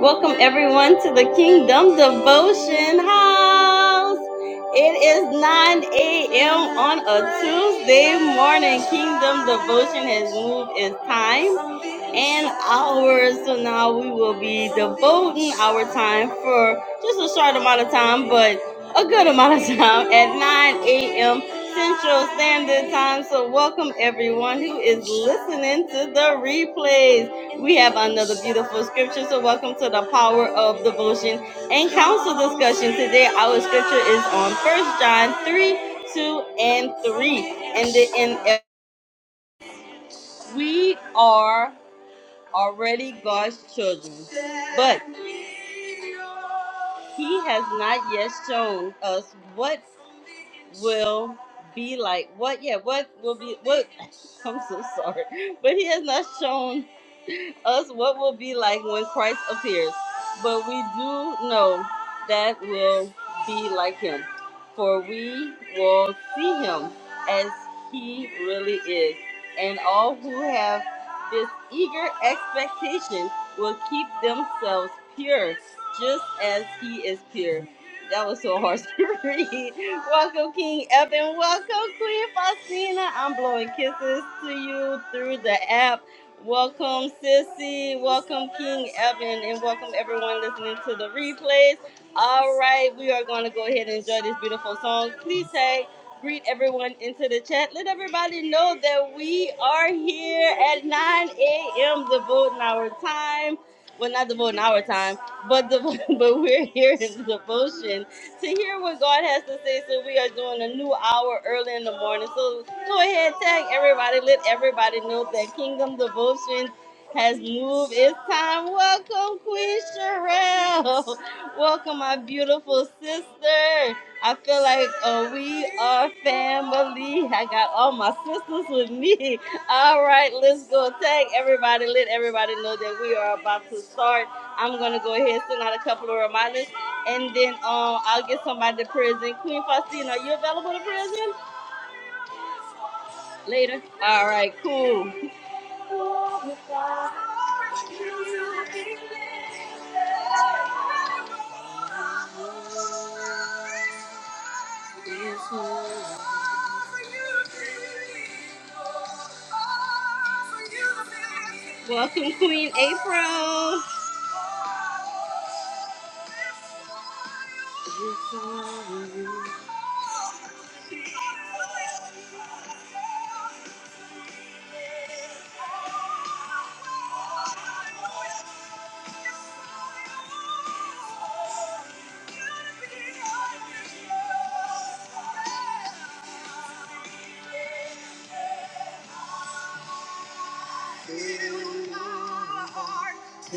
Welcome everyone to the Kingdom Devotion House. It is 9 a.m. on a Tuesday morning. Kingdom Devotion has moved its time and hours. So now we will be devoting our time for just a short amount of time, but a good amount of time at 9 a.m. Central Standard Time. So welcome everyone who is listening to the replays. We have another beautiful scripture, so welcome to the power of devotion and counsel discussion. Today, our scripture is on First John 3 2 and 3. And the NF, we are already God's children, but He has not yet shown us what will be like. What, yeah, what will be, what, I'm so sorry, but He has not shown us what we'll be like when Christ appears, but we do know that we'll be like him, for we will see him as he really is. And all who have this eager expectation will keep themselves pure, just as he is pure. That was so hard to read. Welcome, King Evan. Welcome, Queen Faustina. I'm blowing kisses to you through the app. Welcome, Sissy. Welcome, King Evan, and welcome everyone listening to the replays. All right, we are going to go ahead and enjoy this beautiful song. Please say, greet everyone into the chat. Let everybody know that we are here at 9 a.m. the voting hour time. Well, not the voting hour time, but the but we're here in devotion to hear what God has to say. So we are doing a new hour early in the morning. So go ahead, tag everybody. Let everybody know that Kingdom Devotion has moved. It's time. Welcome, Queen Sherelle. Welcome, my beautiful sister. I feel like uh, we are family. I got all my sisters with me. All right, let's go tag everybody. Let everybody know that we are about to start. I'm gonna go ahead and send out a couple of reminders, and then um, I'll get somebody to prison. Queen Faustina, are you available to prison later? All right, cool. Welcome, Queen April.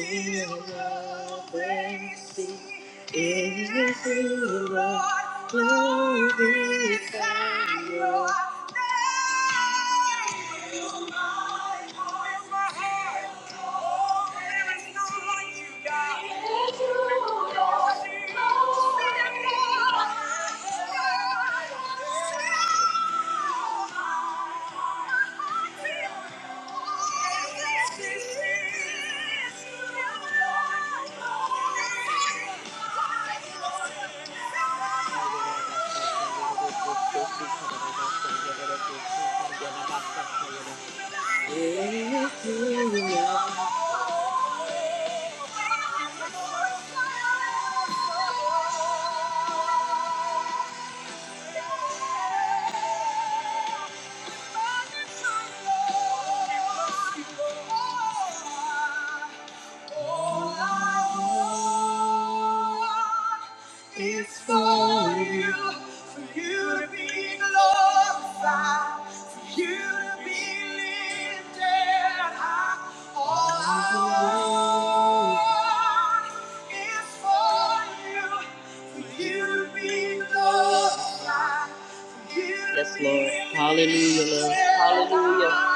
Till the Hallelujah. All I want is for you, for you to be glorified, for you to be lifted high. All I want is for you, for you to be glorified. for you to Yes, be Lord. Hallelujah, Lord. lifted Hallelujah. high.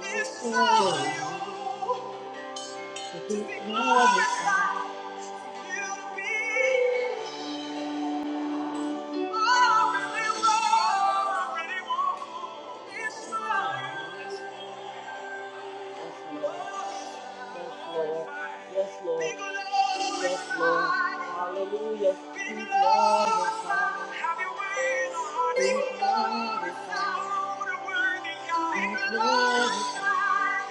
Thank you. Lord. Yes, Lord. Yes, Lord. Hallelujah. Be glorified. Have your way in our Be glorified. Lord, worthy God. Be glorified.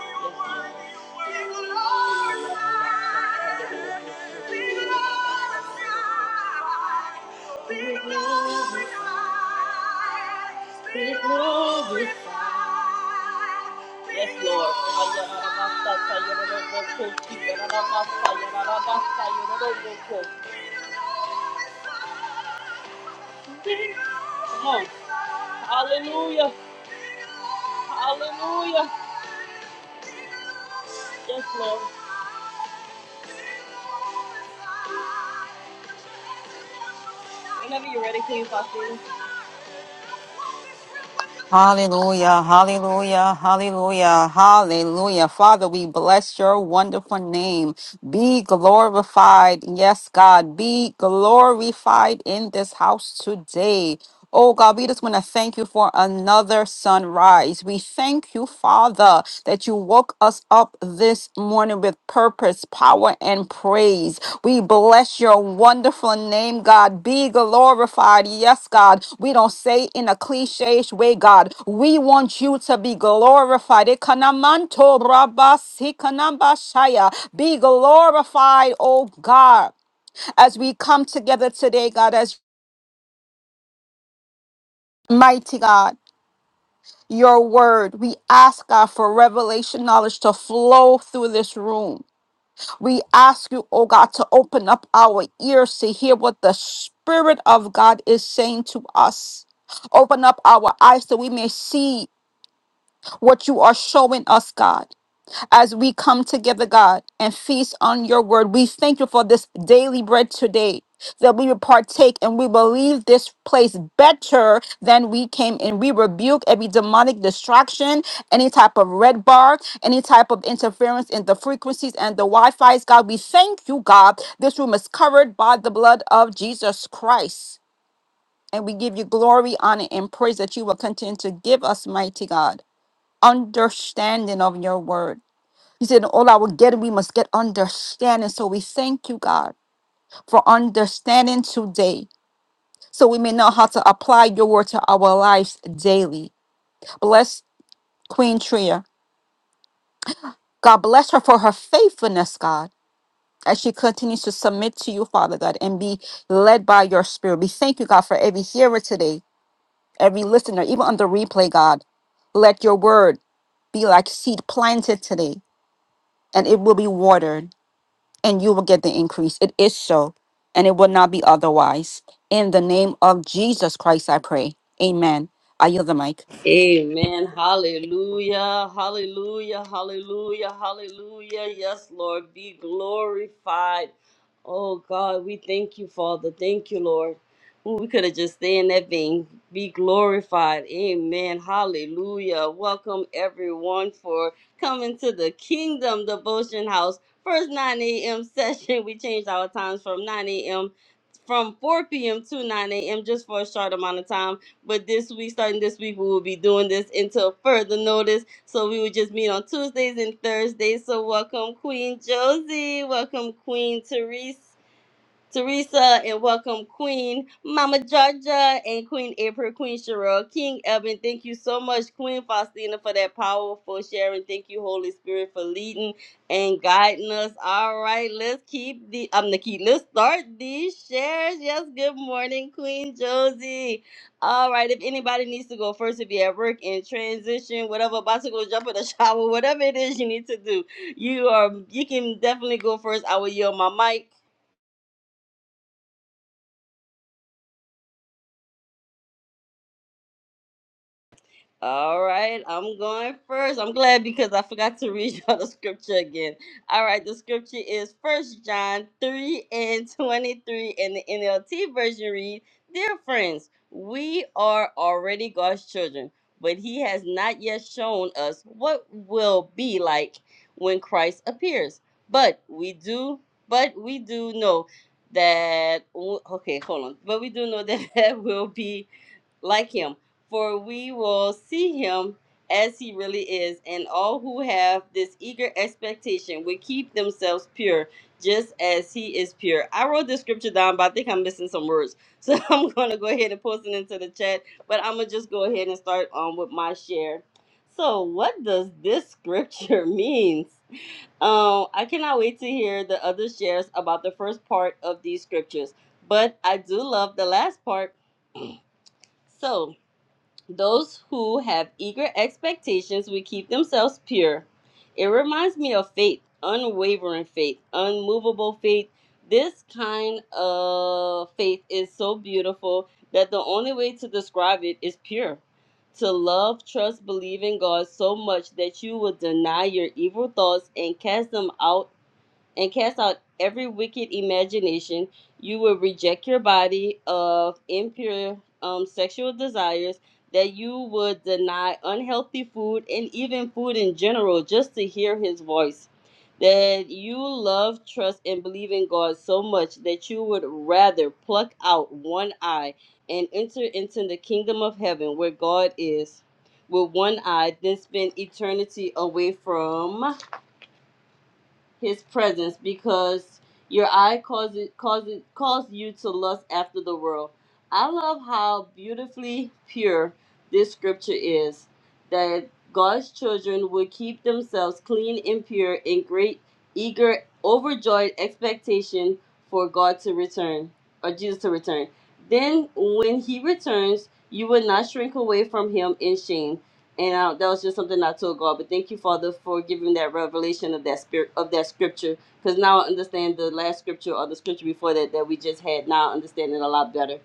Be glorified. Yes, Lord. Ayarabasa, ayarabasa, ayarabasa, ayarabasa, ayarabasa. Come on. Hallelujah. Hallelujah. Yes, Lord. Whenever you're ready, Queen Faustina. Hallelujah, hallelujah, hallelujah, hallelujah. Father, we bless your wonderful name. Be glorified. Yes, God, be glorified in this house today. Oh God, we just want to thank you for another sunrise. We thank you, Father, that you woke us up this morning with purpose, power, and praise. We bless your wonderful name, God. Be glorified. Yes, God. We don't say in a cliche way, God. We want you to be glorified. Ekanamanto rabasikanabaashaya. Be glorified, oh God, as we come together today, God, as mighty God. your word. We ask God for revelation knowledge to flow through this room. We ask you, oh God, to open up our ears to hear what the Spirit of God is saying to us. Open up our eyes so we may see what you are showing us, God as we come together, God, and feast on your word. We thank you for this daily bread today that we will partake and we will leave this place better than we came in. We rebuke every demonic distraction, any type of red bar, any type of interference in the frequencies and the Wi Fi's. God, we thank you, God. This room is covered by the blood of Jesus Christ. And we give you glory, honor, and praise that you will continue to give us, mighty God, understanding of your word. He said, in all our getting, we must get understanding. So we thank you, God, for understanding today. So we may know how to apply your word to our lives daily. Bless Queen Tria. God bless her for her faithfulness, God, as she continues to submit to you, Father God, and be led by your spirit. We thank you, God, for every hearer today, every listener, even on the replay, God. Let your word be like seed planted today, and it will be watered and you will get the increase. It is so, and it will not be otherwise. In the name of Jesus Christ, I pray. Amen. I yield the mic. Amen. Hallelujah. Hallelujah. Hallelujah. Hallelujah. Yes, Lord, be glorified. Oh God, we thank you, Father. Thank you, Lord. Ooh, we could have just stayed in that vein. Be glorified. Amen. Hallelujah. Welcome everyone for coming to the Kingdom Devotion House. First 9 a.m. session. We changed our times from 9 a.m from 4 p.m. to 9 a.m. just for a short amount of time. But this week, starting this week, we will be doing this until further notice. So we will just meet on Tuesdays and Thursdays. So welcome Queen Josie, welcome Queen Therese. Teresa, and welcome Queen Mama Georgia and Queen April, Queen Cheryl, King Evan. Thank you so much, Queen Faustina, for that powerful sharing. Thank you, Holy Spirit, for leading and guiding us. All right, let's keep the I'm the key. Let's start these shares. Yes, good morning, Queen Josie. All right, if anybody needs to go first, if you're at work in transition, whatever, about to go jump in the shower, whatever it is you need to do, you are you can definitely go first. I will yield my mic. All right, I'm going first. I'm glad because I forgot to read y'all the scripture again. All right, the scripture is First John 3 and 23, and the NLT version reads Dear friends, we are already God's children, but He has not yet shown us what will be like when Christ appears. But we do, but we do know that, okay, hold on. But we do know that that will be like him for we will see him as he really is, and all who have this eager expectation will keep themselves pure, just as he is pure. I wrote this scripture down, but I think I'm missing some words, so I'm going to go ahead and post it into the chat. But I'm gonna just go ahead and start um with my share. So, what does this scripture mean? Um, I cannot wait to hear the other shares about the first part of these scriptures, but I do love the last part. So, those who have eager expectations will keep themselves pure. It reminds me of faith, unwavering faith, unmovable faith. This kind of faith is so beautiful that the only way to describe it is pure. To love, trust, believe in God so much that you will deny your evil thoughts and cast them out and cast out every wicked imagination. You will reject your body of impure um, sexual desires, that you would deny unhealthy food and even food in general just to hear his voice. That you love, trust, and believe in God so much that you would rather pluck out one eye and enter into the kingdom of heaven where God is with one eye than spend eternity away from his presence because your eye causes causes caused you to lust after the world. I love how beautifully pure this scripture is that God's children would keep themselves clean and pure in great eager overjoyed expectation for God to return or Jesus to return. Then when he returns, you will not shrink away from him in shame and uh, that was just something I told God. But thank you, Father, for giving that revelation of that spirit of that scripture, because now I understand the last scripture or the scripture before that that we just had. Now I understand it a lot better.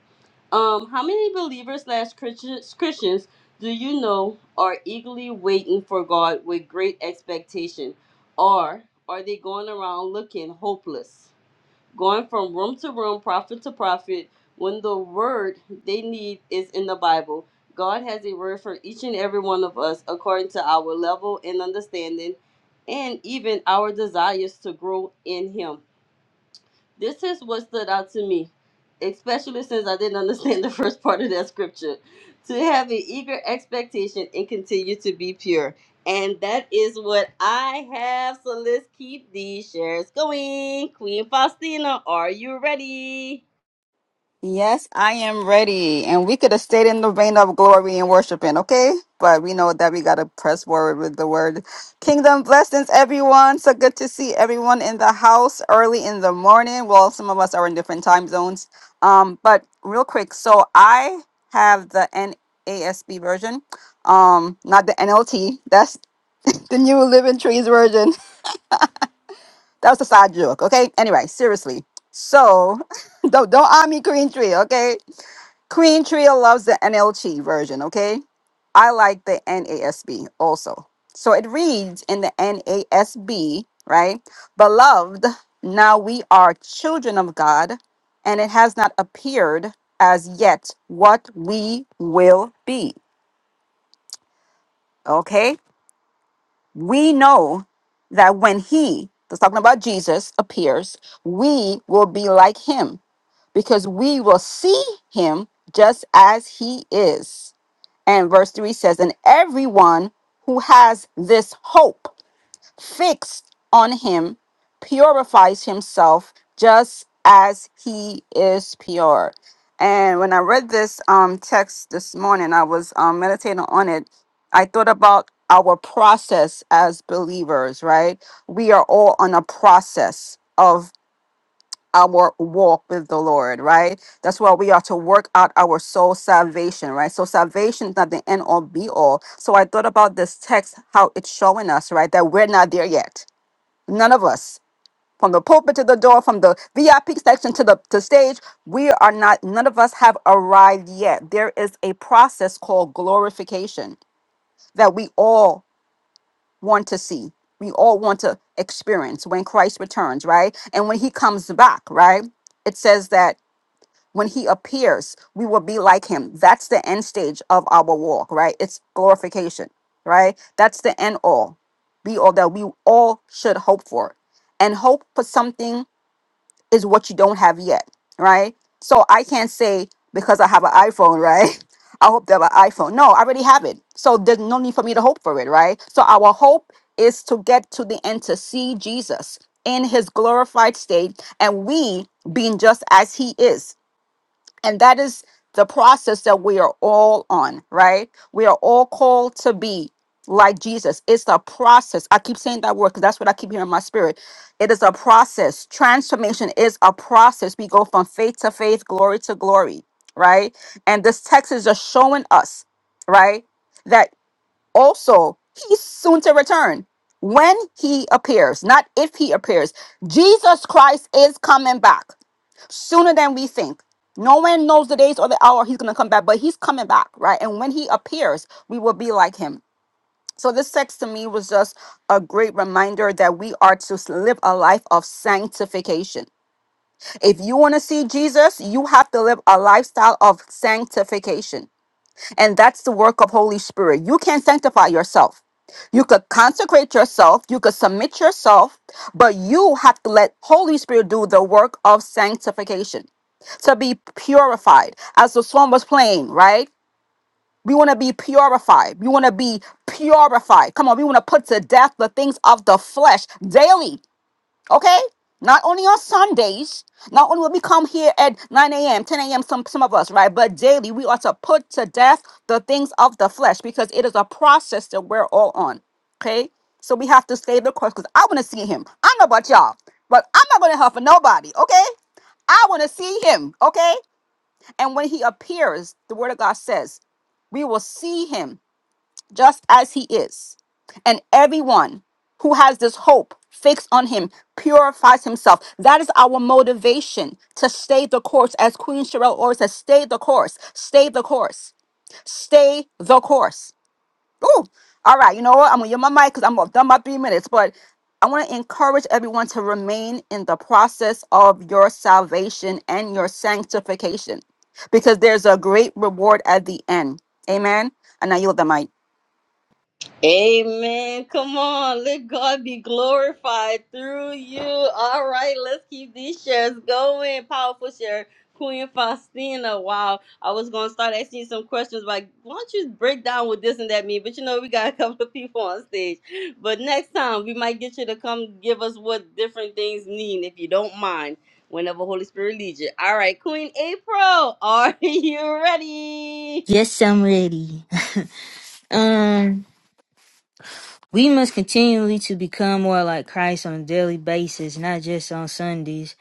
Um, how many believers slash Christians Christians do you know are eagerly waiting for God with great expectation, or are they going around looking hopeless? going from room to room, prophet to prophet, when the word they need is in the Bible. God has a word for each and every one of us according to our level and understanding and even our desires to grow in Him. This is what stood out to me, especially since I didn't understand the first part of that scripture. To have an eager expectation and continue to be pure. And that is what I have. So let's keep these shares going. Queen Faustina, are you ready? Yes, I am ready. And we could have stayed in the vein of glory and worshiping, okay? But we know that we got to press forward with the word. Kingdom blessings, everyone. So good to see everyone in the house early in the morning. Well, some of us are in different time zones. Um, but real quick, so I have the NASB version, um, not the NLT. That's the new Living Trees version. That was a side joke, okay? Anyway, seriously. So don't don't arm me green tree, okay? Queen Tria loves the NLT version, okay? I like the NASB also. So it reads in the NASB, right? Beloved, now we are children of God, and it has not appeared as yet what we will be, okay? We know that when He, that's talking about Jesus, appears, we will be like Him because we will see Him just as He is. And verse 3 says, And everyone who has this hope fixed on him purifies himself just as he is pure. And when I read this um, text this morning, I was um, meditating on it. I thought about our process as believers, right? We are all on a process of our walk with the Lord, right? That's why we are to work out our soul salvation, right? So salvation is not the end all be all. So I thought about this text, how it's showing us, right, that we're not there yet. None of us. From the pulpit to the door, from the VIP section to the to stage, we are not, none of us have arrived yet. There is a process called glorification that we all want to see. We all want to experience when Christ returns, right? And when he comes back, right? It says that when he appears, we will be like him. That's the end stage of our walk, right? It's glorification, right? That's the end all, be all that we all should hope for. And hope for something is what you don't have yet, right? So I can't say because I have an iPhone, right? I hope to have an iPhone. No, I already have it. So there's no need for me to hope for it, right? So our hope is to get to the end to see Jesus in his glorified state and we being just as he is and that is the process that we are all on, right? We are all called to be like Jesus. It's a process. I keep saying that word because that's what I keep hearing in my spirit. It is a process. Transformation is a process. We go from faith to faith, glory to glory, right? And this text is just showing us, right? that. Also, he's soon to return when he appears, not if he appears. Jesus Christ is coming back sooner than we think. No one knows the days or the hour he's going to come back, but he's coming back, right? And when he appears, we will be like him. So, this text to me was just a great reminder that we are to live a life of sanctification. If you want to see Jesus, you have to live a lifestyle of sanctification. And that's the work of Holy Spirit. You can sanctify yourself. You could consecrate yourself, you could submit yourself, but you have to let Holy Spirit do the work of sanctification to be purified. As the song was playing, right? We want to be purified. We want to be purified. Come on, we want to put to death the things of the flesh daily. Okay? Not only on Sundays, not only will we come here at 9 a.m., 10 a.m., some, some of us, right? But daily, we are to put to death the things of the flesh because it is a process that we're all on. Okay? So we have to stay the course because I want to see him. I know about y'all, but I'm not going to help for nobody. Okay? I want to see him. Okay? And when he appears, the word of God says, we will see him just as he is. And everyone who has this hope fixed on him purifies himself. That is our motivation to stay the course, as Queen Sherelle always says, stay the course, stay the course, stay the course. Ooh. All right, you know what? I'm gonna get my mic because I'm done my three minutes, but I want to encourage everyone to remain in the process of your salvation and your sanctification because there's a great reward at the end. Amen. And I yield the mic. Amen. Come on. Let God be glorified through you. All right. Let's keep these shares going. Powerful share. Queen Faustina. Wow. I was going to start asking you some questions like, why don't you break down what this and that mean? But you know, we got a couple of people on stage. But next time, we might get you to come give us what different things mean, if you don't mind, whenever Holy Spirit leads you. All right. Queen April, are you ready? Yes, I'm ready. Um, we must continually to become more like Christ on a daily basis, not just on Sundays.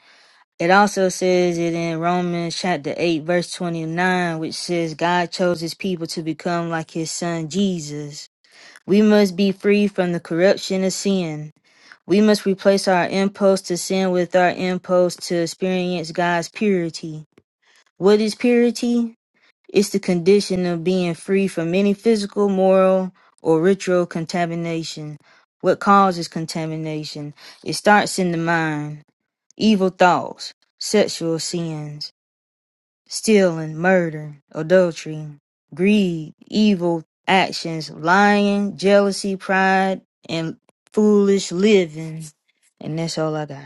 It also says it in Romans chapter 8 verse 29, which says God chose his people to become like his son Jesus. We must be free from the corruption of sin. We must replace our impulse to sin with our impulse to experience God's purity. What is purity? It's the condition of being free from any physical, moral, or ritual contamination. What causes contamination? It starts in the mind. Evil thoughts, sexual sins, stealing, murder, adultery, greed, evil actions, lying, jealousy, pride, and foolish living. And that's all I got.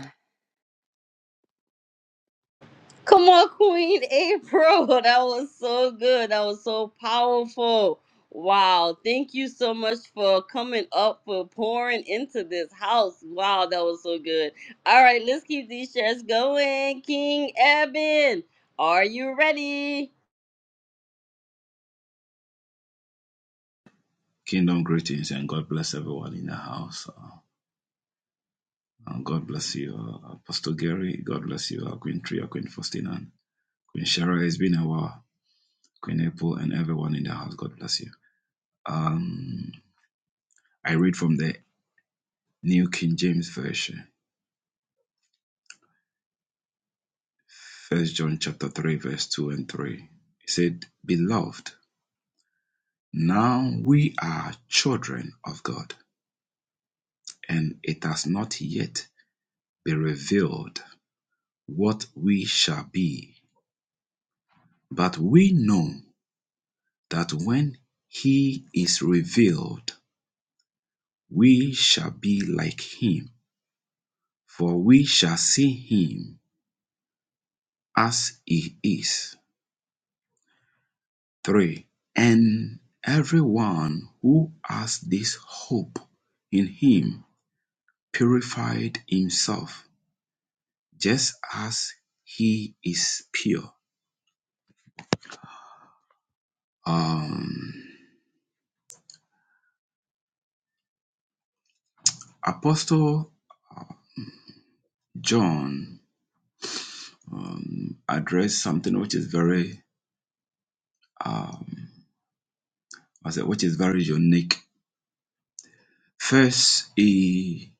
Come on, Queen April. That was so good. That was so powerful. Wow. Thank you so much for coming up, for pouring into this house. Wow, that was so good. All right, let's keep these shares going. King Eben, are you ready? Kingdom greetings and God bless everyone in the house. Uh, and God bless you, uh, Apostle Gary. God bless you, uh, Queen Tria, Queen Faustina, Queen Shara. It's been a while. Queen April and everyone in the house. God bless you. Um, I read from the New King James Version, First John chapter three, verse two and three. It said, "Beloved, now we are children of God, and it has not yet been revealed what we shall be, but we know." that when he is revealed, we shall be like him, for we shall see him as he is. 3. And everyone who has this hope in him purified himself just as he is pure. Um, Apostle John um, addressed something which is very um, I said, which is very unique First, he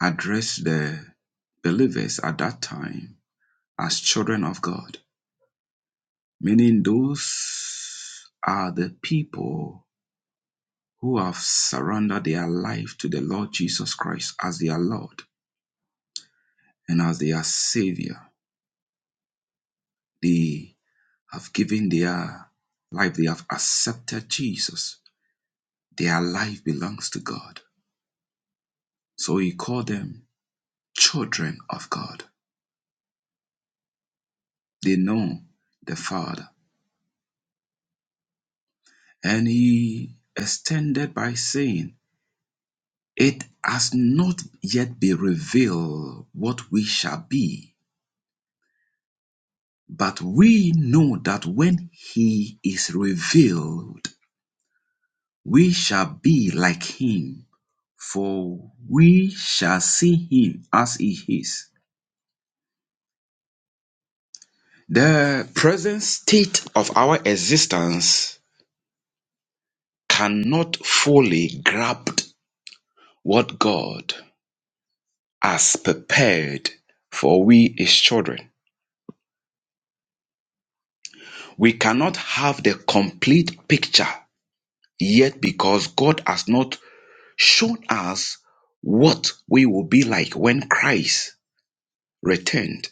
addressed the believers at that time as children of God, meaning those are the people who have surrendered their life to the Lord Jesus Christ as their Lord and as their Savior. They have given their life, they have accepted Jesus. Their life belongs to God. So he called them children of God. They know the Father. And he extended by saying, It has not yet been revealed what we shall be, but we know that when he is revealed, we shall be like him, for we shall see him as he is. The present state of our existence cannot fully grasp what God has prepared for we, his children. We cannot have the complete picture yet because God has not shown us what we will be like when Christ returned.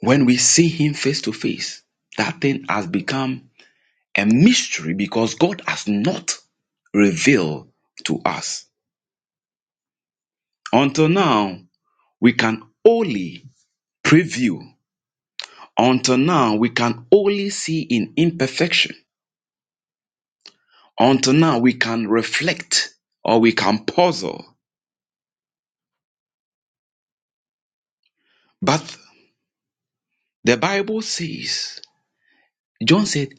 When we see him face to face, that thing has become a mystery because God has not revealed to us. Until now, we can only preview. Until now, we can only see in imperfection. Until now, we can reflect or we can puzzle. But the Bible says, John said,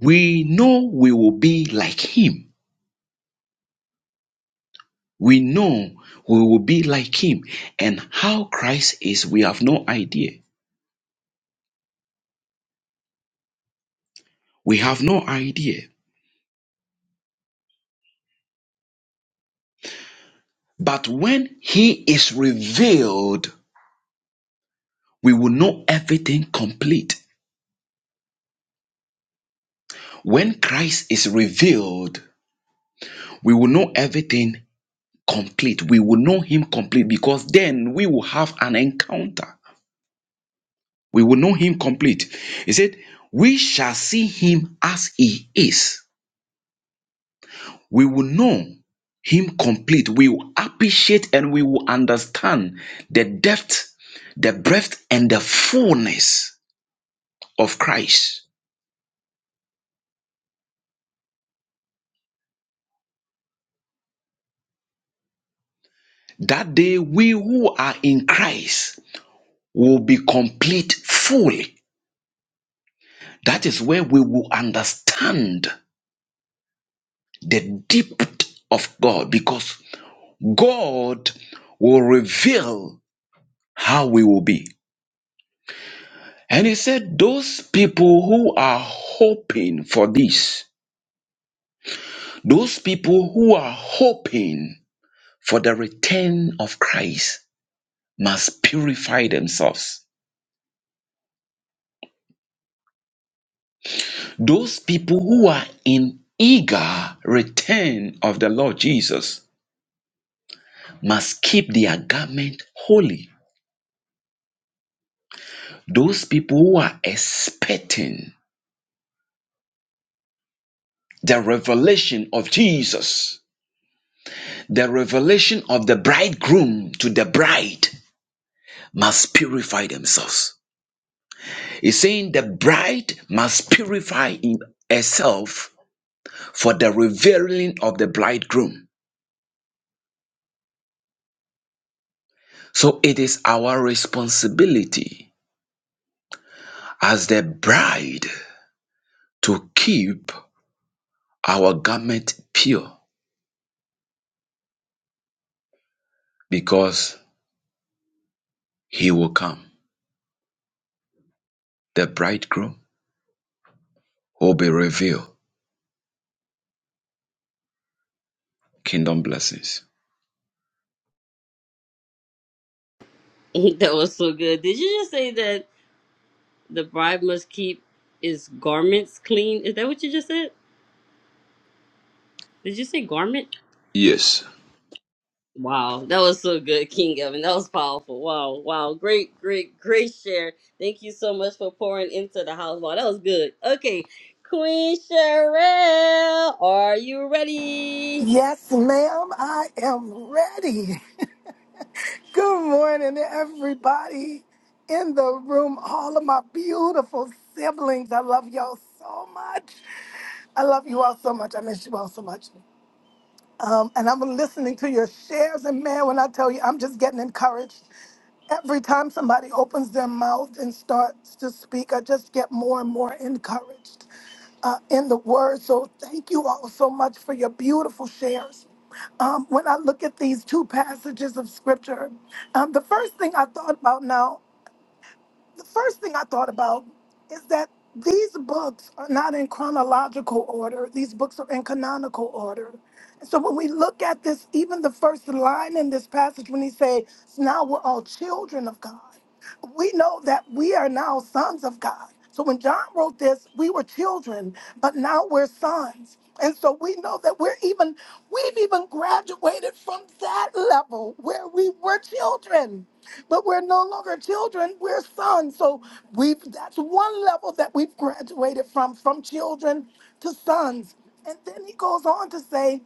We know we will be like him. We know we will be like him. And how Christ is, we have no idea. We have no idea. But when he is revealed, we will know everything complete. When Christ is revealed, we will know everything complete. We will know him complete because then we will have an encounter. We will know him complete. He said, We shall see him as he is. We will know him complete. We will appreciate and we will understand the depth, the breadth, and the fullness of Christ. That day, we who are in Christ will be complete fully. That is where we will understand the depth of God because God will reveal how we will be. And he said, Those people who are hoping for this, those people who are hoping for the return of Christ must purify themselves. Those people who are in eager return of the Lord Jesus must keep their garment holy. Those people who are expecting the revelation of Jesus, the revelation of the bridegroom to the bride, must purify themselves. He's saying the bride must purify in- herself for the revealing of the bridegroom. So it is our responsibility as the bride to keep our garment pure because he will come. The bridegroom will be revealed. Kingdom blessings. that was so good. Did you just say that the bride must keep his garments clean? Is that what you just said? Did you say garment? Yes. Wow, that was so good, King Evan. That was powerful. Wow, wow, great, great, great share. Thank you so much for pouring into the house. Wow, that was good. Okay, Queen Sherelle, are you ready? Yes, ma'am, I am ready. Good morning, everybody in the room, all of my beautiful siblings. I love y'all so much. I love you all so much. I miss you all so much. Um, and I'm listening to your shares, and man, when I tell you, I'm just getting encouraged. Every time somebody opens their mouth and starts to speak, I just get more and more encouraged uh, in the word. So thank you all so much for your beautiful shares. Um, when I look at these two passages of scripture, um, the first thing I thought about now the first thing I thought about is that these books are not in chronological order. These books are in canonical order. And so when we look at this, even the first line in this passage, when he say, "Now we're all children of God," we know that we are now sons of God. So when John wrote this, we were children, but now we're sons. And so we know that we're even, we've even graduated from that level where we were children, but we're no longer children, we're sons. So we've, that's one level that we've graduated from, from children to sons. And then he goes on to say,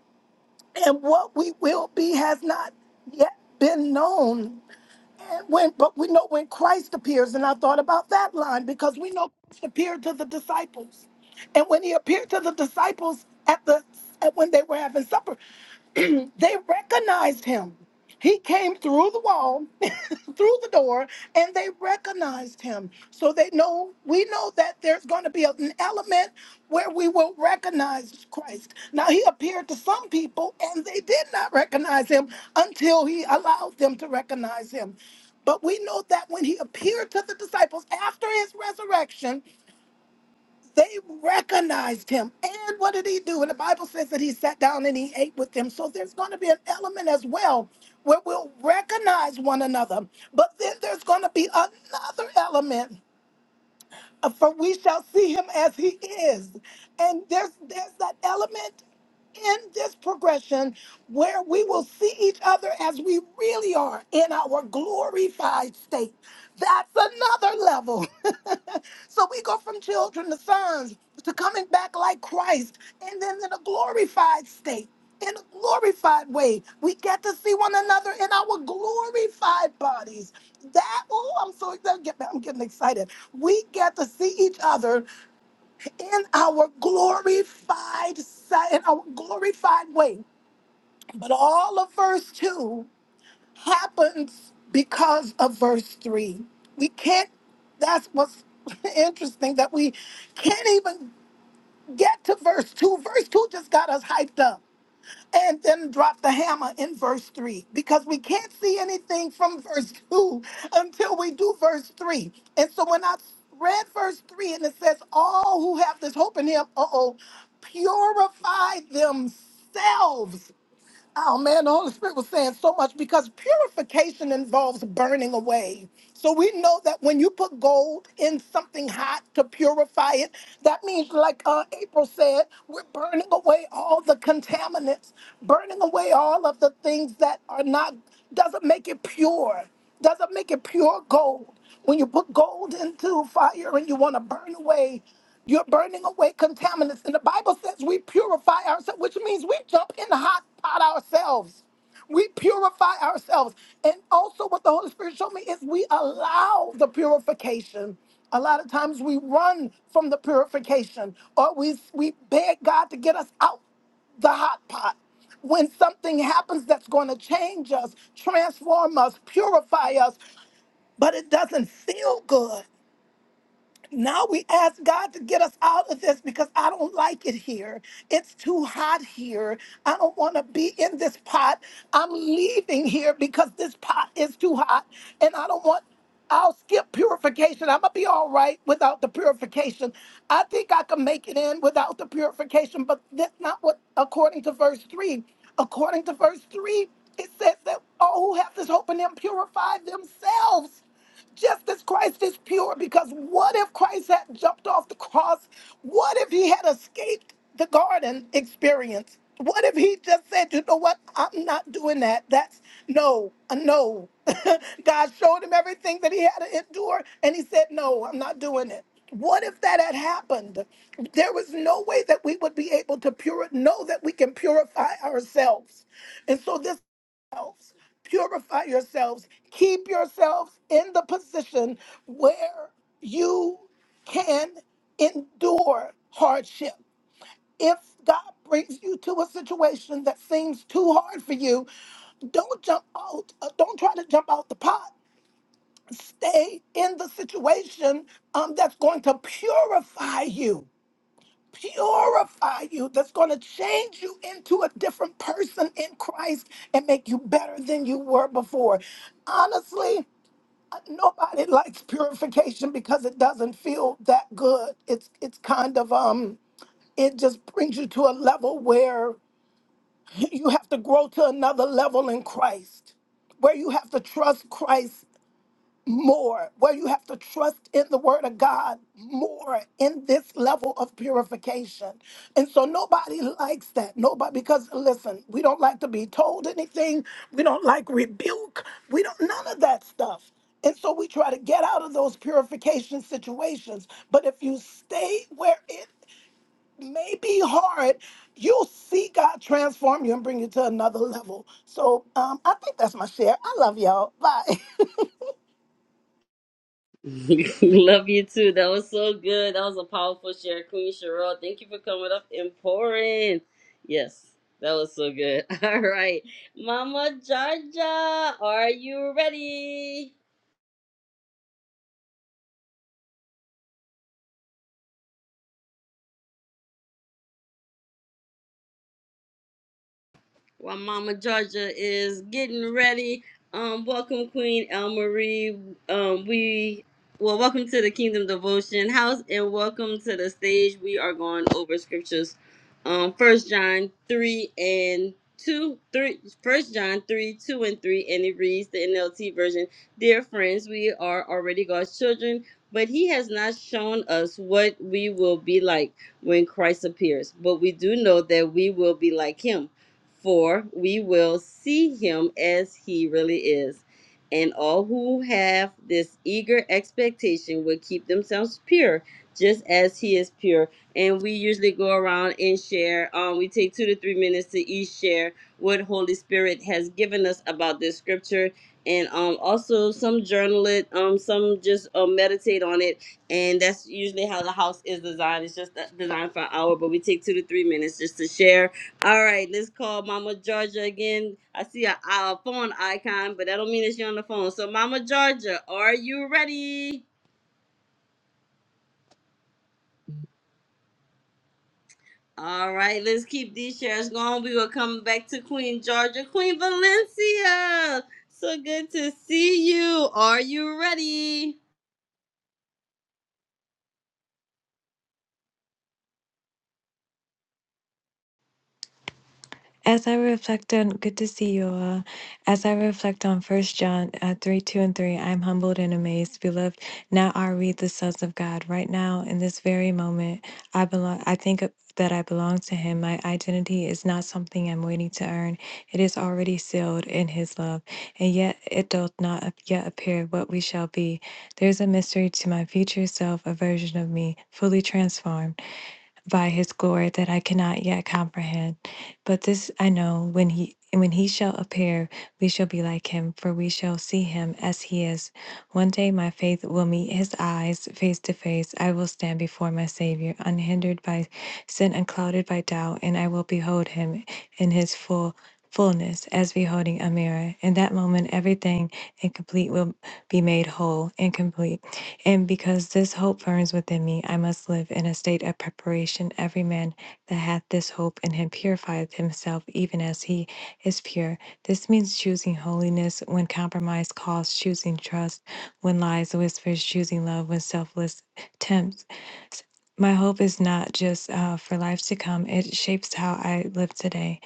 and what we will be has not yet been known when but we know when Christ appears, and I thought about that line because we know Christ appeared to the disciples, and when he appeared to the disciples at the at when they were having supper, they recognized him. He came through the wall, through the door, and they recognized him. So they know we know that there's going to be an element where we will recognize Christ. Now he appeared to some people and they did not recognize him until he allowed them to recognize him. But we know that when he appeared to the disciples after his resurrection, they recognized him. And what did he do? And the Bible says that he sat down and he ate with them. So there's going to be an element as well where we'll recognize one another. But then there's going to be another element uh, For we shall see him as he is. And there's there's that element in this progression where we will see each other as we really are in our glorified state. That's another level. so we go from children to sons to coming back like Christ and then in a glorified state. In a glorified way, we get to see one another in our glorified bodies that oh i'm so excited Get- i'm getting excited we get to see each other in our glorified si- in our glorified way but all of verse 2 happens because of verse 3 we can't that's what's interesting that we can't even get to verse 2 verse 2 just got us hyped up and then drop the hammer in verse 3 because we can't see anything from verse 2 until we do verse 3. And so when I read verse 3 and it says, All who have this hope in him, uh oh, purify themselves Oh man, the Holy Spirit was saying so much because purification involves burning away. So we know that when you put gold in something hot to purify it, that means, like uh, April said, we're burning away all the contaminants, burning away all of the things that are not doesn't make it pure doesn't make it pure gold. When you put gold into fire and you want to burn away, you're burning away contaminants. And the Bible says we purify ourselves, which means we jump in the hot pot ourselves. We purify ourselves. And also, what the Holy Spirit showed me is we allow the purification. A lot of times we run from the purification or we, we beg God to get us out the hot pot. When something happens that's going to change us, transform us, purify us, but it doesn't feel good. Now we ask God to get us out of this because I don't like it here. It's too hot here. I don't want to be in this pot. I'm leaving here because this pot is too hot and I don't want. I'll skip purification. I'm gonna be all right without the purification. I think I can make it in without the purification, but that's not what according to verse three. According to verse three, it says that all who have this hope in them purify themselves just as Christ is pure, because what if Christ had jumped off the cross? What if he had escaped the garden experience? What if he just said, you know what? I'm not doing that. That's no, a no. God showed him everything that he had to endure, and he said, no, I'm not doing it. What if that had happened? There was no way that we would be able to pure know that we can purify ourselves. And so this yourselves, purify yourselves, keep yourselves in the position where you can endure hardship. If God brings you to a situation that seems too hard for you, don't jump out, uh, don't try to jump out the pot. Stay in the situation um, that's going to purify you purify you, that's going to change you into a different person in Christ and make you better than you were before. Honestly, nobody likes purification because it doesn't feel that good. It's it's kind of um it just brings you to a level where you have to grow to another level in Christ, where you have to trust Christ more, where you have to trust in the word of God more in this level of purification. And so nobody likes that. Nobody, because listen, we don't like to be told anything. We don't like rebuke. We don't, none of that stuff. And so we try to get out of those purification situations. But if you stay where it may be hard, you'll see God transform you and bring you to another level. So um, I think that's my share. I love y'all. Bye. Love you too. That was so good. That was a powerful share, Queen Sherelle. Thank you for coming up and pouring. Yes, that was so good. All right, Mama Jaja, are you ready? while Mama Georgia is getting ready. Um, welcome Queen El Marie. Um, we well, welcome to the Kingdom Devotion House, and welcome to the stage. We are going over scriptures. Um, First John three and two, three. First John three, two and three, and it reads the NLT version. Dear friends, we are already God's children, but He has not shown us what we will be like when Christ appears. But we do know that we will be like Him for we will see him as he really is. And all who have this eager expectation will keep themselves pure, just as he is pure. And we usually go around and share. Um, we take two to three minutes to each share what Holy Spirit has given us about this scripture, and um, also some journal it, um, some just uh, meditate on it. And that's usually how the house is designed. It's just uh, designed for an hour, but we take two to three minutes just to share all right, let's call Mama Georgia again. I see a, a phone icon, but that don't mean that she's on the phone. So, Mama Georgia, are you ready? All right, let's keep these shares going. We will come back to Queen Georgia, Queen Valencia. So good to see you. Are you ready? As I reflect on, good to see you all. As I reflect on First John uh, 3 2 and 3, I'm humbled and amazed. Beloved, now are we the sons of God. Right now, in this very moment, I belong. I think of- that I belong to Him. My identity is not something I'm waiting to earn, it is already sealed in His love. And yet, it doth not ap- yet appear what we shall be. There's a mystery to my future self, a version of me, fully transformed by his glory that I cannot yet comprehend. But this I know when he and when he shall appear, we shall be like him, for we shall see him as he is. One day my faith will meet his eyes face to face. I will stand before my Savior, unhindered by sin and clouded by doubt, and I will behold him in his full fullness as beholding a mirror. In that moment everything incomplete will be made whole, and complete. And because this hope burns within me, I must live in a state of preparation. Every man that hath this hope in him purifieth himself even as he is pure. This means choosing holiness when compromise calls, choosing trust when lies whispers, choosing love when selfless tempts. My hope is not just uh, for life to come, it shapes how I live today.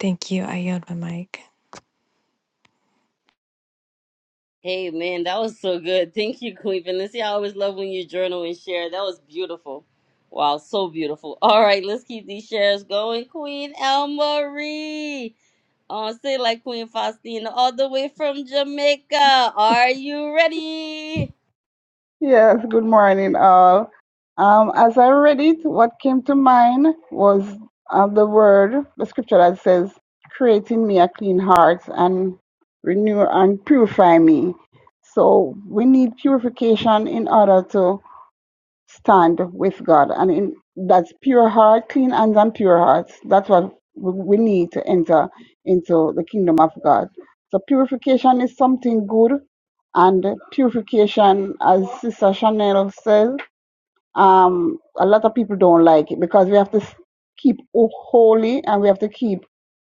Thank you. I yield my mic. Hey, man, that was so good. Thank you, Queen Valencia. I always love when you journal and share. That was beautiful. Wow, so beautiful. All right, let's keep these shares going. Queen El Marie. Oh, say like Queen Faustina, all the way from Jamaica. Are you ready? Yes, good morning, all. Um, as I read it, what came to mind was uh, the word, the scripture that says, "Create in me a clean heart and renew and purify me." So we need purification in order to stand with God. And in that's pure heart, clean hands and pure hearts. That's what we we need to enter into the kingdom of God. So purification is something good. And purification, as Sister Chanel says, um, a lot of people don't like it because we have to s- keep o- holy and we have to keep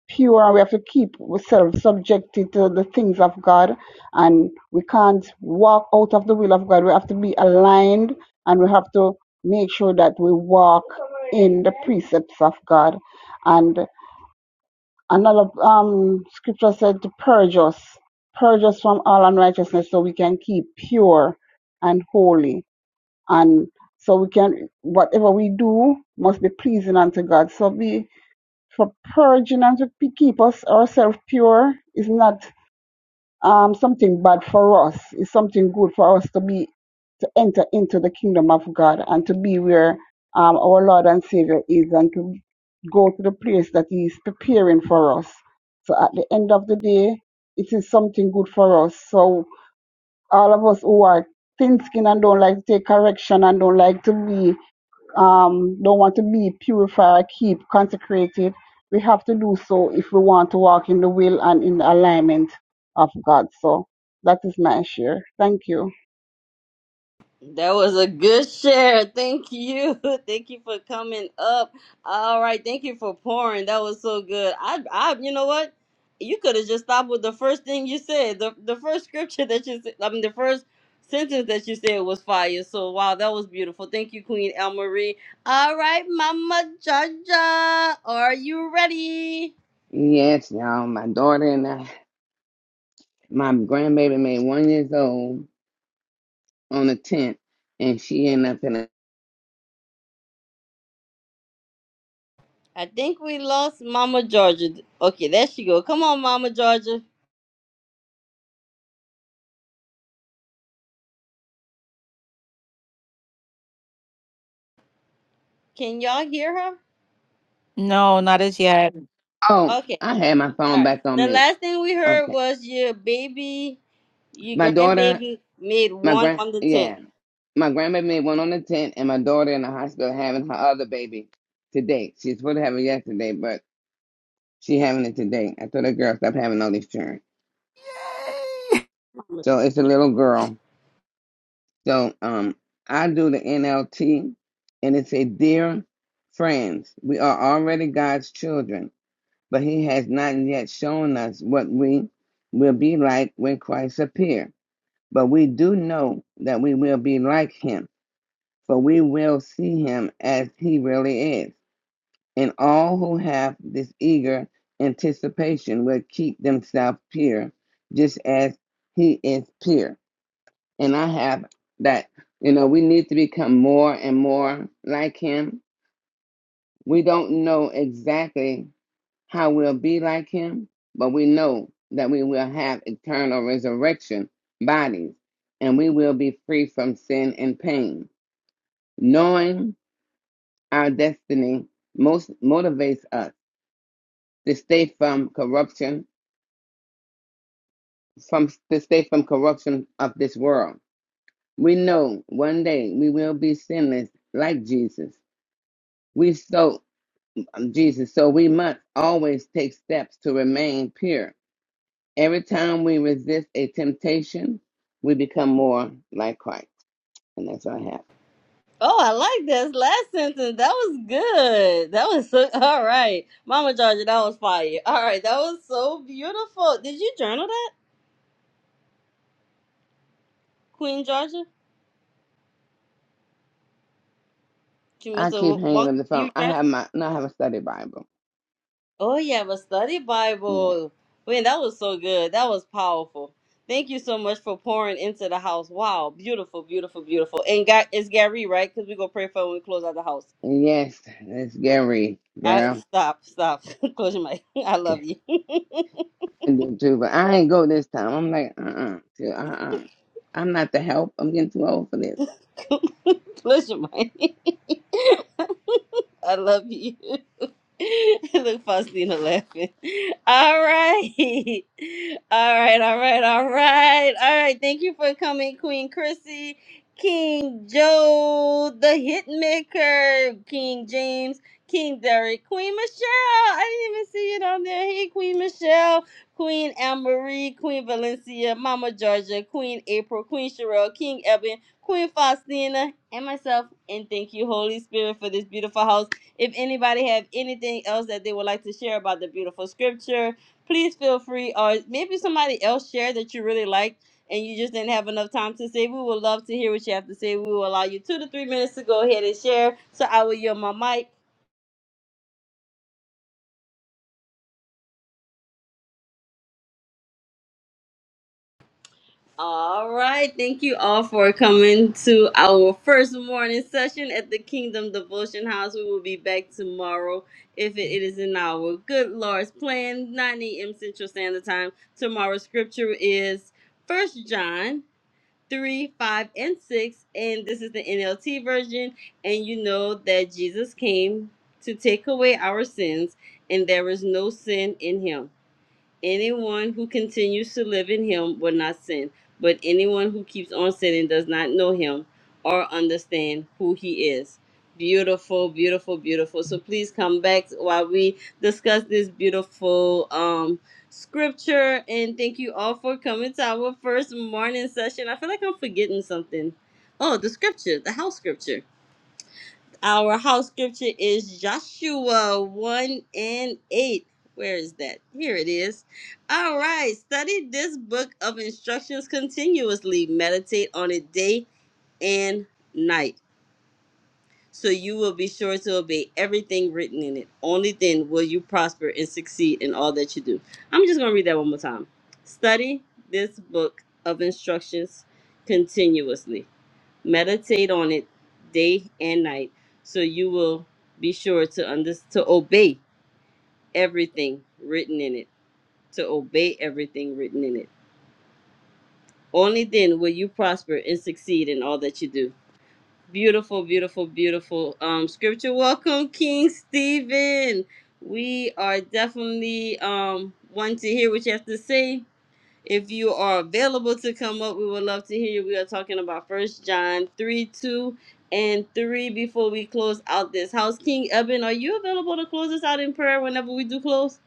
pure and we have to keep ourselves subjected to the things of God. And we can't walk out of the will of God. We have to be aligned and we have to make sure that we walk in the precepts of God. And another um, scripture said to purge us, purge us from all unrighteousness so we can keep pure and holy and so we can whatever we do must be pleasing unto God. So be for purging and to pe- keep us ourselves pure is not um, something bad for us. It's something good for us to be to enter into the kingdom of God and to be where um, our Lord and Savior is and to go to the place that He is preparing for us. So at the end of the day, it is something good for us. So all of us who are thin skinned and don't like to take correction and don't like to be um, don't want to be purified, keep consecrated. We have to do so if we want to walk in the will and in the alignment of God. So that is my share. Thank you. That was a good share. Thank you. Thank you for coming up. All right. Thank you for pouring. That was so good. I, I, you know what? You could have just stopped with the first thing you said. The, the first scripture that you said, I mean, the first sentence that you said was fire. So, wow, that was beautiful. Thank you, Queen El Marie. All right, Mama Jaja. Are you ready? Yes, y'all. My daughter and I, my grandbaby made one years old on the tenth, and she ended up in a. I think we lost Mama Georgia. Okay, there she go. Come on, Mama Georgia. Can y'all hear her? No, not as yet. Oh, Okay, I had my all phone right. back on The mute. last thing we heard Okay, was your baby, your my daughter, grandbaby made my one grand, on the tenth. yeah, my grandbaby made one on the tenth, and my daughter in the hospital having her other baby today. She's supposed to have it yesterday, but she having it today. I told that girl stop having all this children. So it's a little girl. So um, I do the NLT, and it said, "Dear friends, we are already God's children, but He has not yet shown us what we will be like when Christ appears. But we do know that we will be like Him, for we will see Him as He really is. And all who have this eager anticipation will keep themselves pure, just as He is pure." and I have that. You know, we need to become more and more like Him. We don't know exactly how we'll be like Him, but we know that we will have eternal resurrection bodies and we will be free from sin and pain. Knowing our destiny most motivates us to stay from corruption from to stay from corruption of this world. We know one day we will be sinless like Jesus. We so um, Jesus. So we must always take steps to remain pure. Every time we resist a temptation, we become more like Christ. And that's what I have. Oh, I like this last sentence. That was good. That was so all right, Mama Georgia. That was fire. All right, that was so beautiful. Did you journal that, Queen Georgia? You I must have keep hanging walked. up the phone. You I journal. have my no, I have a study Bible. Oh, you have a study Yeah. Bible. Man, that was so good. That was powerful. Thank you so much for pouring into the house. Wow, beautiful, beautiful, beautiful. And God, it's Gary, right? Because we're going to pray for when we close out the house. And yes, that's Gary, I girl. Stop, stop. close your mic. I love Okay. you. I do too, but I ain't go this time. I'm like, uh uh-uh, uh, I'm not the help. I'm getting too old for this. close your mic. I love you. Look, Faustina laughing. All right. All right, all right, all right. All right. Thank you for coming, Queen Chrissy, King Joe, the Hitmaker, King James, King Derek, Queen Michelle. I didn't even see it on there. Hey, Queen Michelle, Queen Anne Marie, Queen Valencia, Mama Georgia, Queen April, Queen Sherelle, King Eben, Queen Faustina, and myself. And thank you, Holy Spirit, for this beautiful house. If anybody have anything else that they would like to share about the beautiful scripture, please feel free. Or maybe somebody else shared that you really liked and you just didn't have enough time to say. We would love to hear what you have to say. We will allow you two to three minutes to go ahead and share. So I will yield my mic. All right. Thank you all for coming to our first morning session at the Kingdom Devotion House. We will be back tomorrow if it is in our good Lord's plan, 9 a.m. Central Standard Time. Tomorrow's scripture is First John 3, 5, and 6. And this is the NLT version. And you know that Jesus came to take away our sins, and there is no sin in him. Anyone who continues to live in him will not sin, but anyone who keeps on sinning does not know him or understand who he is. Beautiful, beautiful, beautiful. So please come back while we discuss this beautiful um scripture and thank you all for coming to our first morning session. I feel like I'm forgetting something. Oh, the scripture, the house scripture. Our house scripture is Joshua 1 and 8. Where is that? Here it is. All right. Study this book of instructions continuously. Meditate on it day and night, so you will be sure to obey everything written in it. Only then will you prosper and succeed in all that you do. I'm just going to read that one more time. Study this book of instructions continuously Meditate on it day and night, so you will be sure to under to obey everything written in it. To obey everything written in it. Only then will you prosper and succeed in all that you do. Beautiful, beautiful, beautiful um scripture. Welcome, King Stephen. We are definitely um wanting to hear what you have to say If you are available to come up, we would love to hear you. We are talking about First John 3 2 and 3 before we close out this house. King Eben, are you available to close us out in prayer whenever we do close?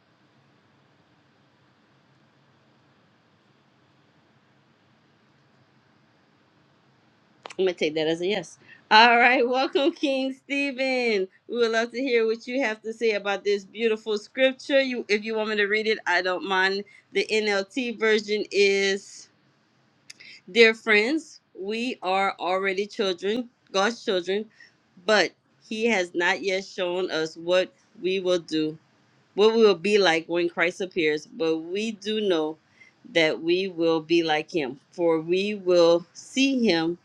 I'm going to take that as a yes. All right, welcome, King Stephen. We would love to hear what you have to say about this beautiful scripture. You, if you want me to read it, I don't mind. The NLT version is Dear friends, we are already children, God's children, but He has not yet shown us what we will do, what we will be like when Christ appears. But we do know that we will be like Him, for we will see Him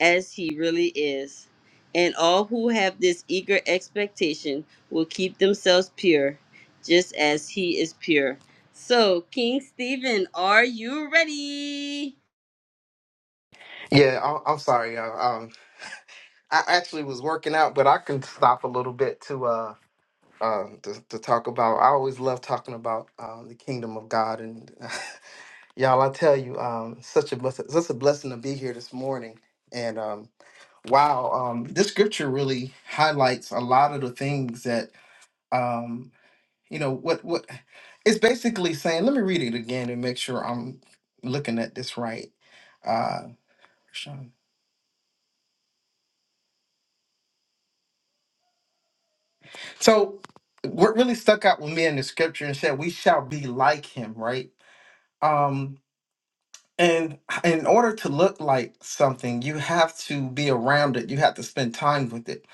as He really is. And all who have this eager expectation will keep themselves pure, just as He is pure. So, King Stephen, are you ready? Yeah, I- I'm sorry. uh, Um, I actually was working out, but I can stop a little bit to uh, uh to, to talk about. I always love talking about um, the kingdom of God, and y'all, I tell you, um, such a blessing, such a blessing to be here this morning. And um, wow, um, this scripture really highlights a lot of the things that um, you know what what it's basically saying. Let me read it again and make sure I'm looking at this right. Uh, So what really stuck out with me in the scripture and said we shall be like him, right? Um and in order to look like something, you have to be around it. You have to spend time with it.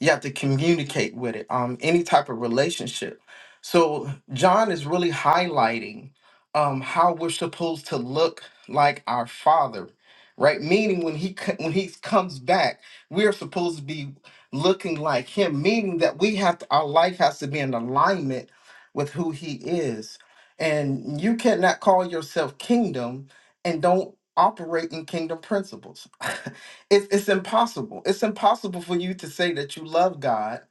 You have to communicate with it. Um, any type of relationship. So John is really highlighting um how we're supposed to look like our Father, right? Meaning when he co- when he comes back, we are supposed to be looking like Him. Meaning that we have to, our life has to be in alignment with who He is. And you cannot call yourself kingdom and don't operate in kingdom principles. it's, it's impossible. It's impossible for you to say that you love God,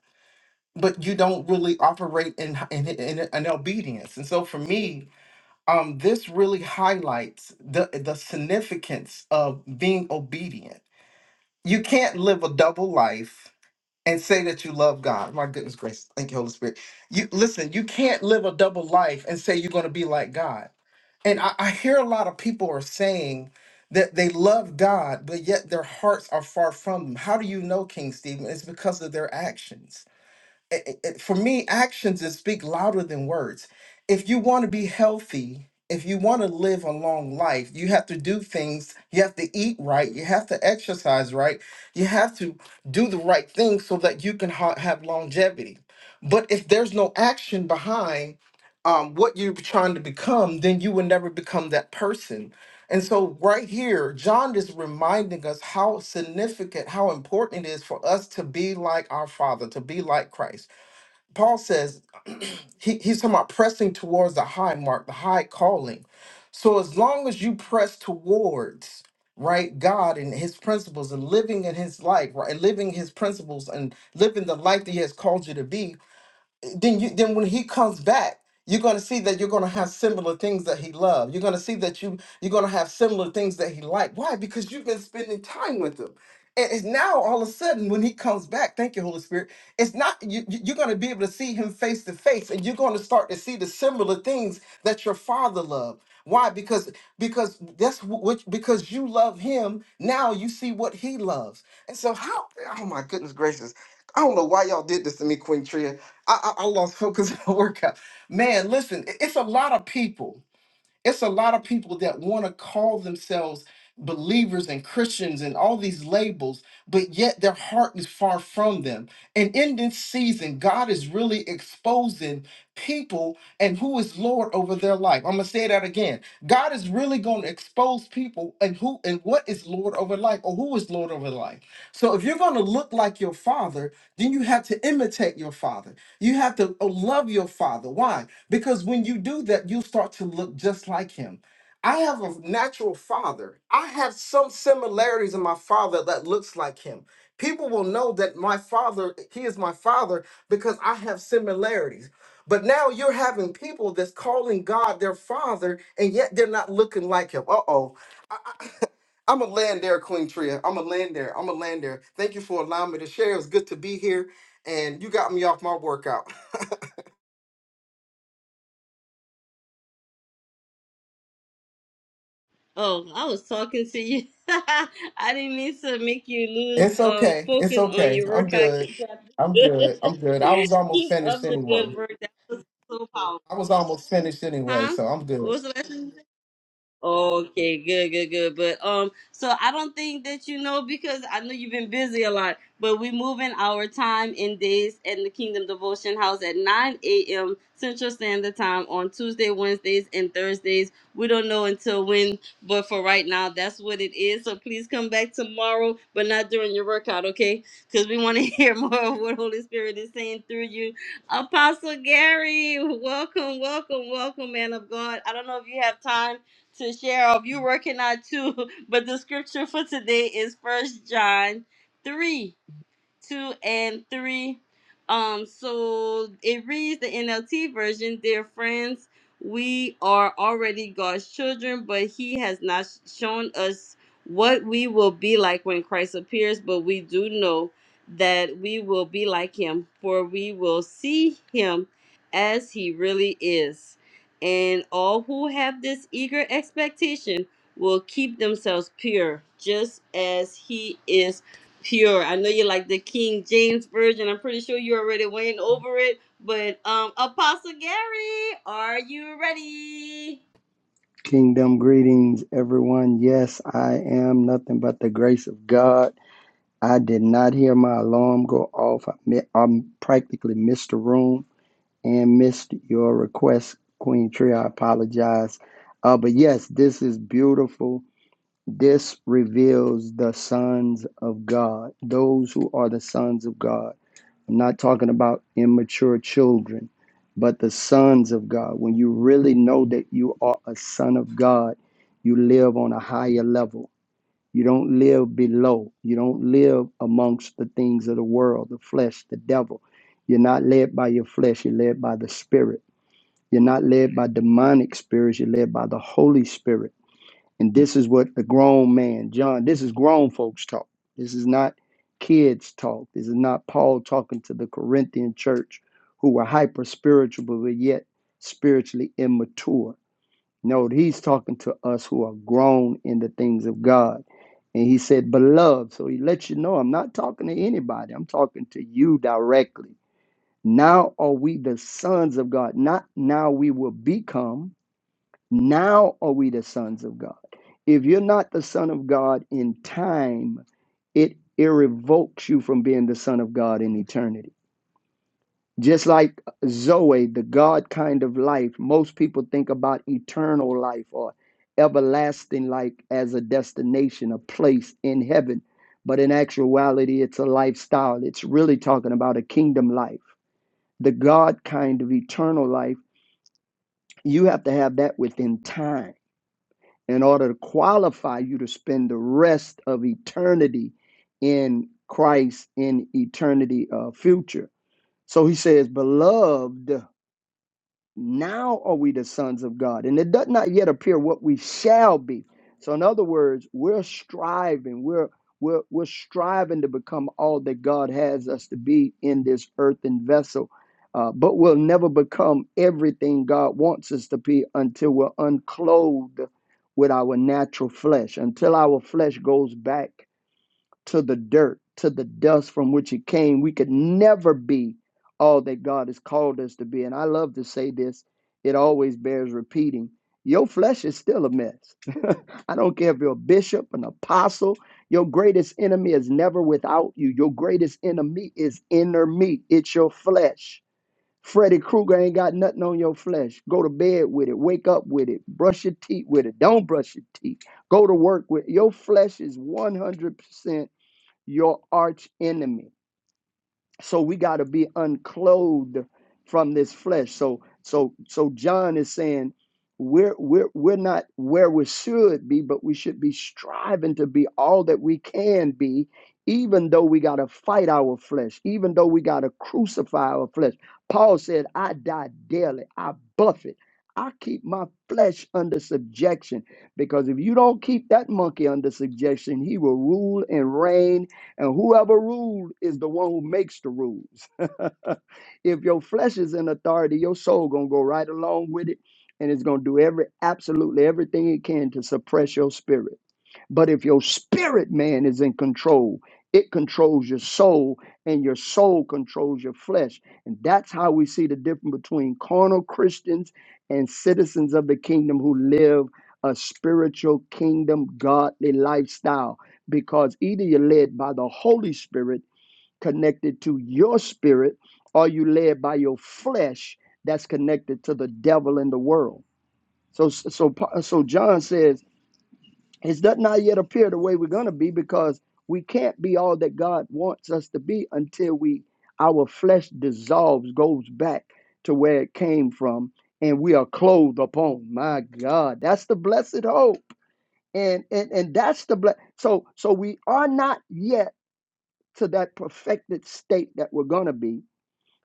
but you don't really operate in in, in, in obedience. And so for me, um, this really highlights the the significance of being obedient. You can't live a double life and say that you love God. My goodness gracious, thank you, Holy Spirit. You listen, you can't live a double life and say you're gonna be like God and I, I hear a lot of people are saying that they love God, but yet their hearts are far from them. How do you know, King Stephen? It's because of their actions it- it- for me, actions that speak louder than words. If you want to be healthy, if you want to live a long life, you have to do things. You have to eat right. You have to exercise right. You have to do the right thing so that you can ha- have longevity. But if there's no action behind um, what you're trying to become, then you will never become that person. And so, right here, John is reminding us how significant, how important it is for us to be like our Father, to be like Christ Paul says he, he's talking about pressing towards the high mark, the high calling. So as long as you press towards right God and his principles and living in his life, right? Living his principles and living the life that he has called you to be, then you then when he comes back you're going to see that you're going to have similar things that he loved you're going to see that you you're going to have similar things that he liked why because you've been spending time with him and it's now all of a sudden when he comes back thank you holy spirit it's not you, you- you're going to be able to see him face to face and you're going to start to see the similar things that your father loved why because because that's wh- which because you love him now you see what he loves and so how oh my goodness gracious i don't know why y'all did this to me queen I, I, I lost focus on the workout. Man, listen, i- it's a lot of people it's a lot of people that want to call themselves believers and Christians and all these labels, but yet their heart is far from them. And in this season, God is really exposing people and who is Lord over their life. I'm gonna say that again. God is really going to expose people and who and what is Lord over life or who is Lord over life. So if you're going to look like your father, then you have to imitate your father. You have to uh, love your father. Why? Because when you do that, you start to look just like him. I have a natural father. I have some similarities in my father that looks like him. People will know that my father, he is my father because I have similarities. But now you're having people that's calling God their father and yet they're not looking like him. Uh oh. I'm a land there, Queen Tria. I'm a land there. I'm a land there. Thank you for allowing me to share. It was good to be here and you got me off my workout. Oh, I was talking to you. I didn't mean to make you lose It's um okay. It's focus on okay. your I'm workout. good. I'm Keep good. I'm good. I was almost finished up the anyway. good work. That was so powerful. I was almost finished anyway, Huh? so I'm What good. was the last thing? Okay, good, good, good. But um, so I don't think that you know because I know you've been busy a lot. But we move in our time in days at the Kingdom Devotion House at 9 a.m. Central Standard Time on Tuesday, Wednesdays, and Thursdays. We don't know until when, but for right now, that's what it is. So please come back tomorrow, but not during your workout, okay? Because we want to hear more of what Holy Spirit is saying through you. Apostle Gary, welcome, welcome, welcome, man of God. I don't know if you have time to Cheryl. If you're working out too, but the scripture for today is First John three. 2 and 3. Um, so it reads the NLT version Dear friends, we are already God's children, but He has not shown us what we will be like when Christ appears, but we do know that we will be like Him, for we will see Him as He really is. And all who have this eager expectation will keep themselves pure, just as He is pure. I know you like the King James version. I'm pretty sure you already went over it. But um Apostle Gary, are you ready? Kingdom greetings, everyone. Yes, I am nothing but the grace of God. I did not hear my alarm go off. I, mi- I practically missed the room and missed your request, Queen Tree. I apologize. Uh, but yes, this is beautiful. This reveals the sons of God, those who are the sons of God. I'm not talking about immature children, but the sons of God. When you really know that you are a son of God, you live on a higher level. You don't live below. You don't live amongst the things of the world, the flesh, the devil. You're not led by your flesh, you're led by the spirit. You're not led by demonic spirits, you're led by the Holy Spirit. And this is what the grown man, John, this is grown folks talk. This is not kids talk. This is not Paul talking to the Corinthian church who were hyper spiritual but were yet spiritually immature. No, he's talking to us who are grown in the things of God. And he said, Beloved. So he lets you know, I'm not talking to anybody. I'm talking to you directly. Now are we the sons of God, not now we will become. Now are we the sons of God. If you're not the son of God in time, it irrevokes you from being the son of God in eternity. Just like Zoe, the God kind of life, most people think about eternal life or everlasting life as a destination, a place in heaven. But in actuality, it's a lifestyle. It's really talking about a kingdom life, the God kind of eternal life. You have to have that within time in order to qualify you to spend the rest of eternity in Christ in eternity uh, future. So he says, Beloved, now are we the sons of God. And it does not yet appear what we shall be. So, in other words, we're striving, we're we're, we're striving to become all that God has us to be in this earthen vessel, uh, but we'll never become everything God wants us to be until we're unclothed with our natural flesh, until our flesh goes back to the dirt, to the dust from which it came. We could never be all that God has called us to be. And I love to say this, it always bears repeating. Your flesh is still a mess. I don't care if you're a bishop, an apostle, your greatest enemy is never without you. Your greatest enemy is inner me, it's your flesh. Freddy Krueger ain't got nothing on your flesh. Go to bed with it, wake up with it, brush your teeth with it, don't brush your teeth, go to work with it. Your flesh is 100% your arch enemy. So we got to be unclothed from this flesh. So so so John is saying we're we're we're not where we should be, but we should be striving to be all that we can be, even though we got to fight our flesh, even though we got to crucify our flesh. Paul said, "I die daily. I buffet." I keep my flesh under subjection because if you don't keep that monkey under subjection, he will rule and reign and whoever rules is the one who makes the rules. if your flesh is in authority, your soul gonna go right along with it, and it's gonna do every absolutely everything it can to suppress your spirit. But if your spirit man is in control, it controls your soul, and your soul controls your flesh. And that's how we see the difference between carnal Christians and citizens of the kingdom who live a spiritual kingdom, godly lifestyle. Because either you're led by the Holy Spirit connected to your spirit, or you led by your flesh that's connected to the devil and the world. So, so, so John says it does not yet appear the way we're going to be because we can't be all that God wants us to be until we our flesh dissolves, goes back to where it came from, and we are clothed upon. My God, that's the blessed hope, and and and that's the bless. So so we are not yet to that perfected state that we're going to be.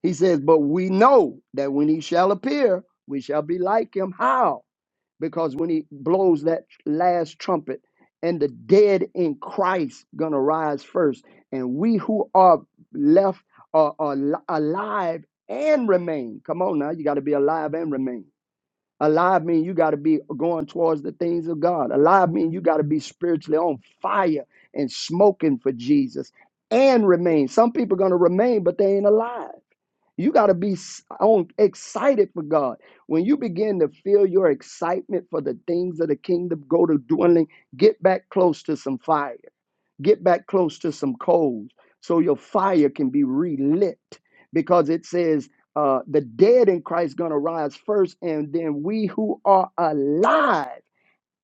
He says, but we know that when He shall appear, we shall be like Him. How? because when he blows that last trumpet and the dead in christ gonna rise first and we who are left are, are li- alive and remain come on now you got to be alive and remain alive mean you got to be going towards the things of god alive mean you got to be spiritually on fire and smoking for jesus and remain some people gonna remain but they ain't alive you got to be s- on, excited for God. When you begin to feel your excitement for the things of the kingdom go to dwindling, get back close to some fire, get back close to some coals so your fire can be relit because it says uh, the dead in Christ going to rise first, and then we who are alive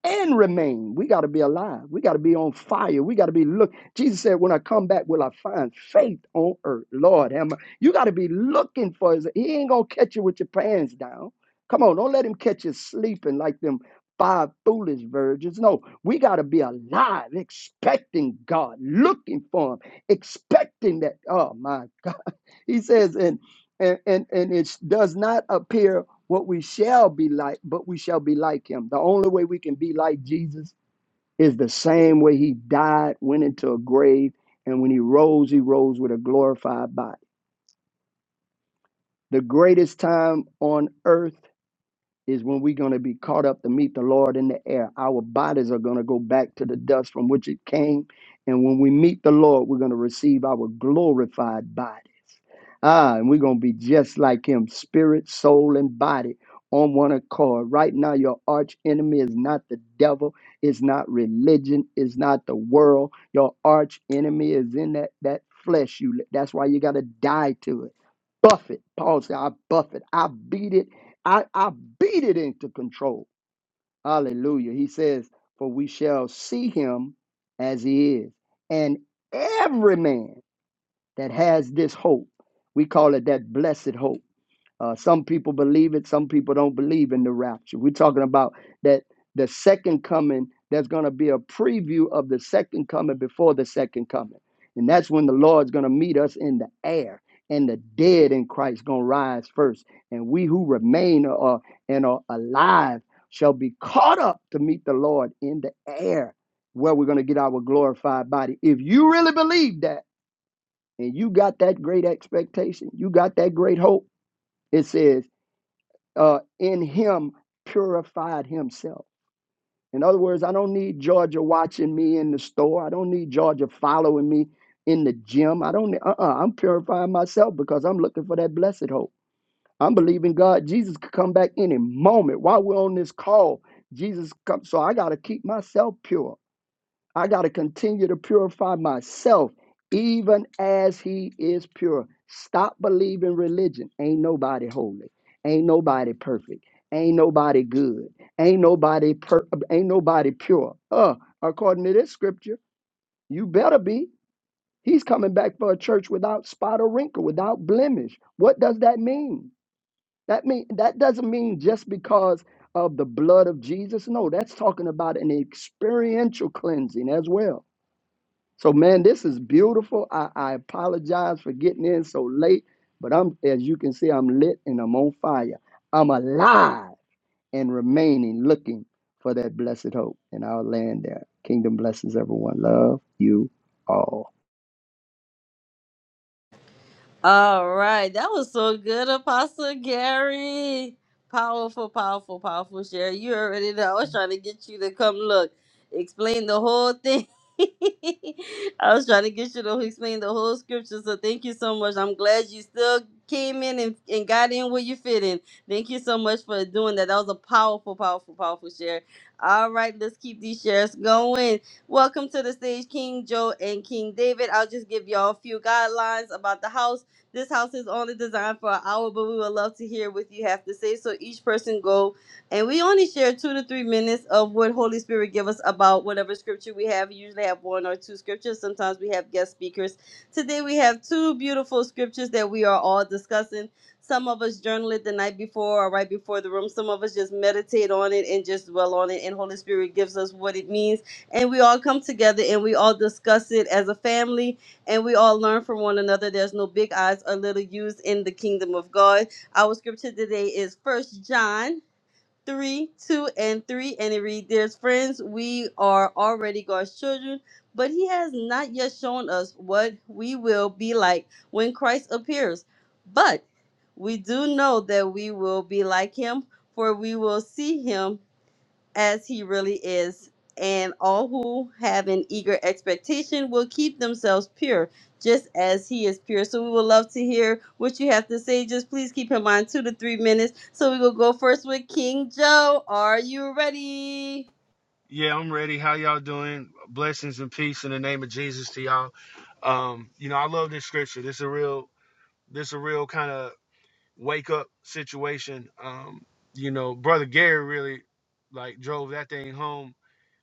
and remain. We got to be alive. We got to be on fire. We got to be look. Jesus said, "When I come back, will I find faith on earth?" Lord, am I- you got to be looking for His. He ain't gonna catch you with your pants down. Come on, don't let him catch you sleeping like them five foolish virgins. No, we got to be alive, expecting God, looking for Him, expecting that. Oh my he says, and and and, and it does not appear what we shall be like, but we shall be like him. The only way we can be like Jesus is the same way he died, went into a grave, and when he rose, he rose with a glorified body. The greatest time on earth is when we're going to be caught up to meet the Lord in the air. Our bodies are going to go back to the dust from which it came. And when we meet the Lord, we're going to receive our glorified body. Ah, and we're going to be just like him, spirit, soul, and body on one accord. Right now, your arch enemy is not the devil, it's not religion, it's not the world. Your arch enemy is in that, that flesh. You That's why you got to die to it. Buff it. Paul said, I buff it. I beat it. I, I beat it into control. Hallelujah. He says, For we shall see him as he is. And every man that has this hope. We call it that blessed hope. Uh, some people believe it, some people don't believe in the rapture. We're talking about that the second coming, there's going to be a preview of the second coming before the second coming. And that's when the Lord's going to meet us in the air, and the dead in Christ going to rise first. And we who remain uh, and are alive shall be caught up to meet the Lord in the air, where we're going to get our glorified body. If you really believe that, and you got that great expectation, you got that great hope, it says, uh, in him purified himself. In other words, I don't need Georgia watching me in the store. I don't need Georgia following me in the gym. I don't, uh uh I'm purifying myself because I'm looking for that blessed hope. I'm believing God, Jesus could come back any moment while we're on this call. Jesus come, so I got to keep myself pure. I got to continue to purify myself, even as He is pure. Stop believing religion. Ain't nobody holy. Ain't nobody perfect. Ain't nobody good. Ain't nobody per- ain't nobody pure. Uh, according to this scripture, you better be. He's coming back for a church without spot or wrinkle, without blemish. What does that mean? That mean that doesn't mean just because of the blood of Jesus. No, that's talking about an experiential cleansing as well so, man, this is beautiful. I, I apologize for getting in so late, but I'm, as you can see, I'm lit and I'm on fire. I'm alive and remaining looking for that blessed hope. And I'll land there. Kingdom blesses everyone. Love you all. All right. That was so good, Apostle Gary. Powerful, powerful, powerful share. You already know. I was trying to get you to come look, explain the whole thing. I was trying to get you to explain the whole scripture. So thank you so much. I'm glad you still came in and, and got in where you fit in. Thank you so much for doing that. That was a powerful, powerful, powerful share. All right, let's keep these shares going. Welcome to the stage, King Joe and King David. I'll just give y'all a few guidelines about the house. This house is only designed for an hour, but we would love to hear what you have to say. So each person go, and we only share two to three minutes of what Holy Spirit give us about whatever scripture we have. We usually have one or two scriptures. Sometimes we have guest speakers. Today we have two beautiful scriptures that we are all discussing. Some of us journal it the night before or right before the room. Some of us just meditate on it and just dwell on it. And Holy Spirit gives us what it means. And we all come together and we all discuss it as a family and we all learn from one another. There's no big eyes or little U's in the kingdom of God. Our scripture today is First John 3, 2, and 3. And it reads, Dear friends, we are already God's children, but he has not yet shown us what we will be like when Christ appears. But we do know that we will be like him, for we will see him as he really is, and all who have an eager expectation will keep themselves pure, just as he is pure. So we would love to hear what you have to say. Just please keep in mind two to three minutes. So we will go first with King Joe. Are you ready? Yeah, I'm ready. How y'all doing? Blessings and peace in the name of Jesus to y'all. Um, you know, I love this scripture. This a real this a real kind of wake up situation. Um, you know, brother Gary really like drove that thing home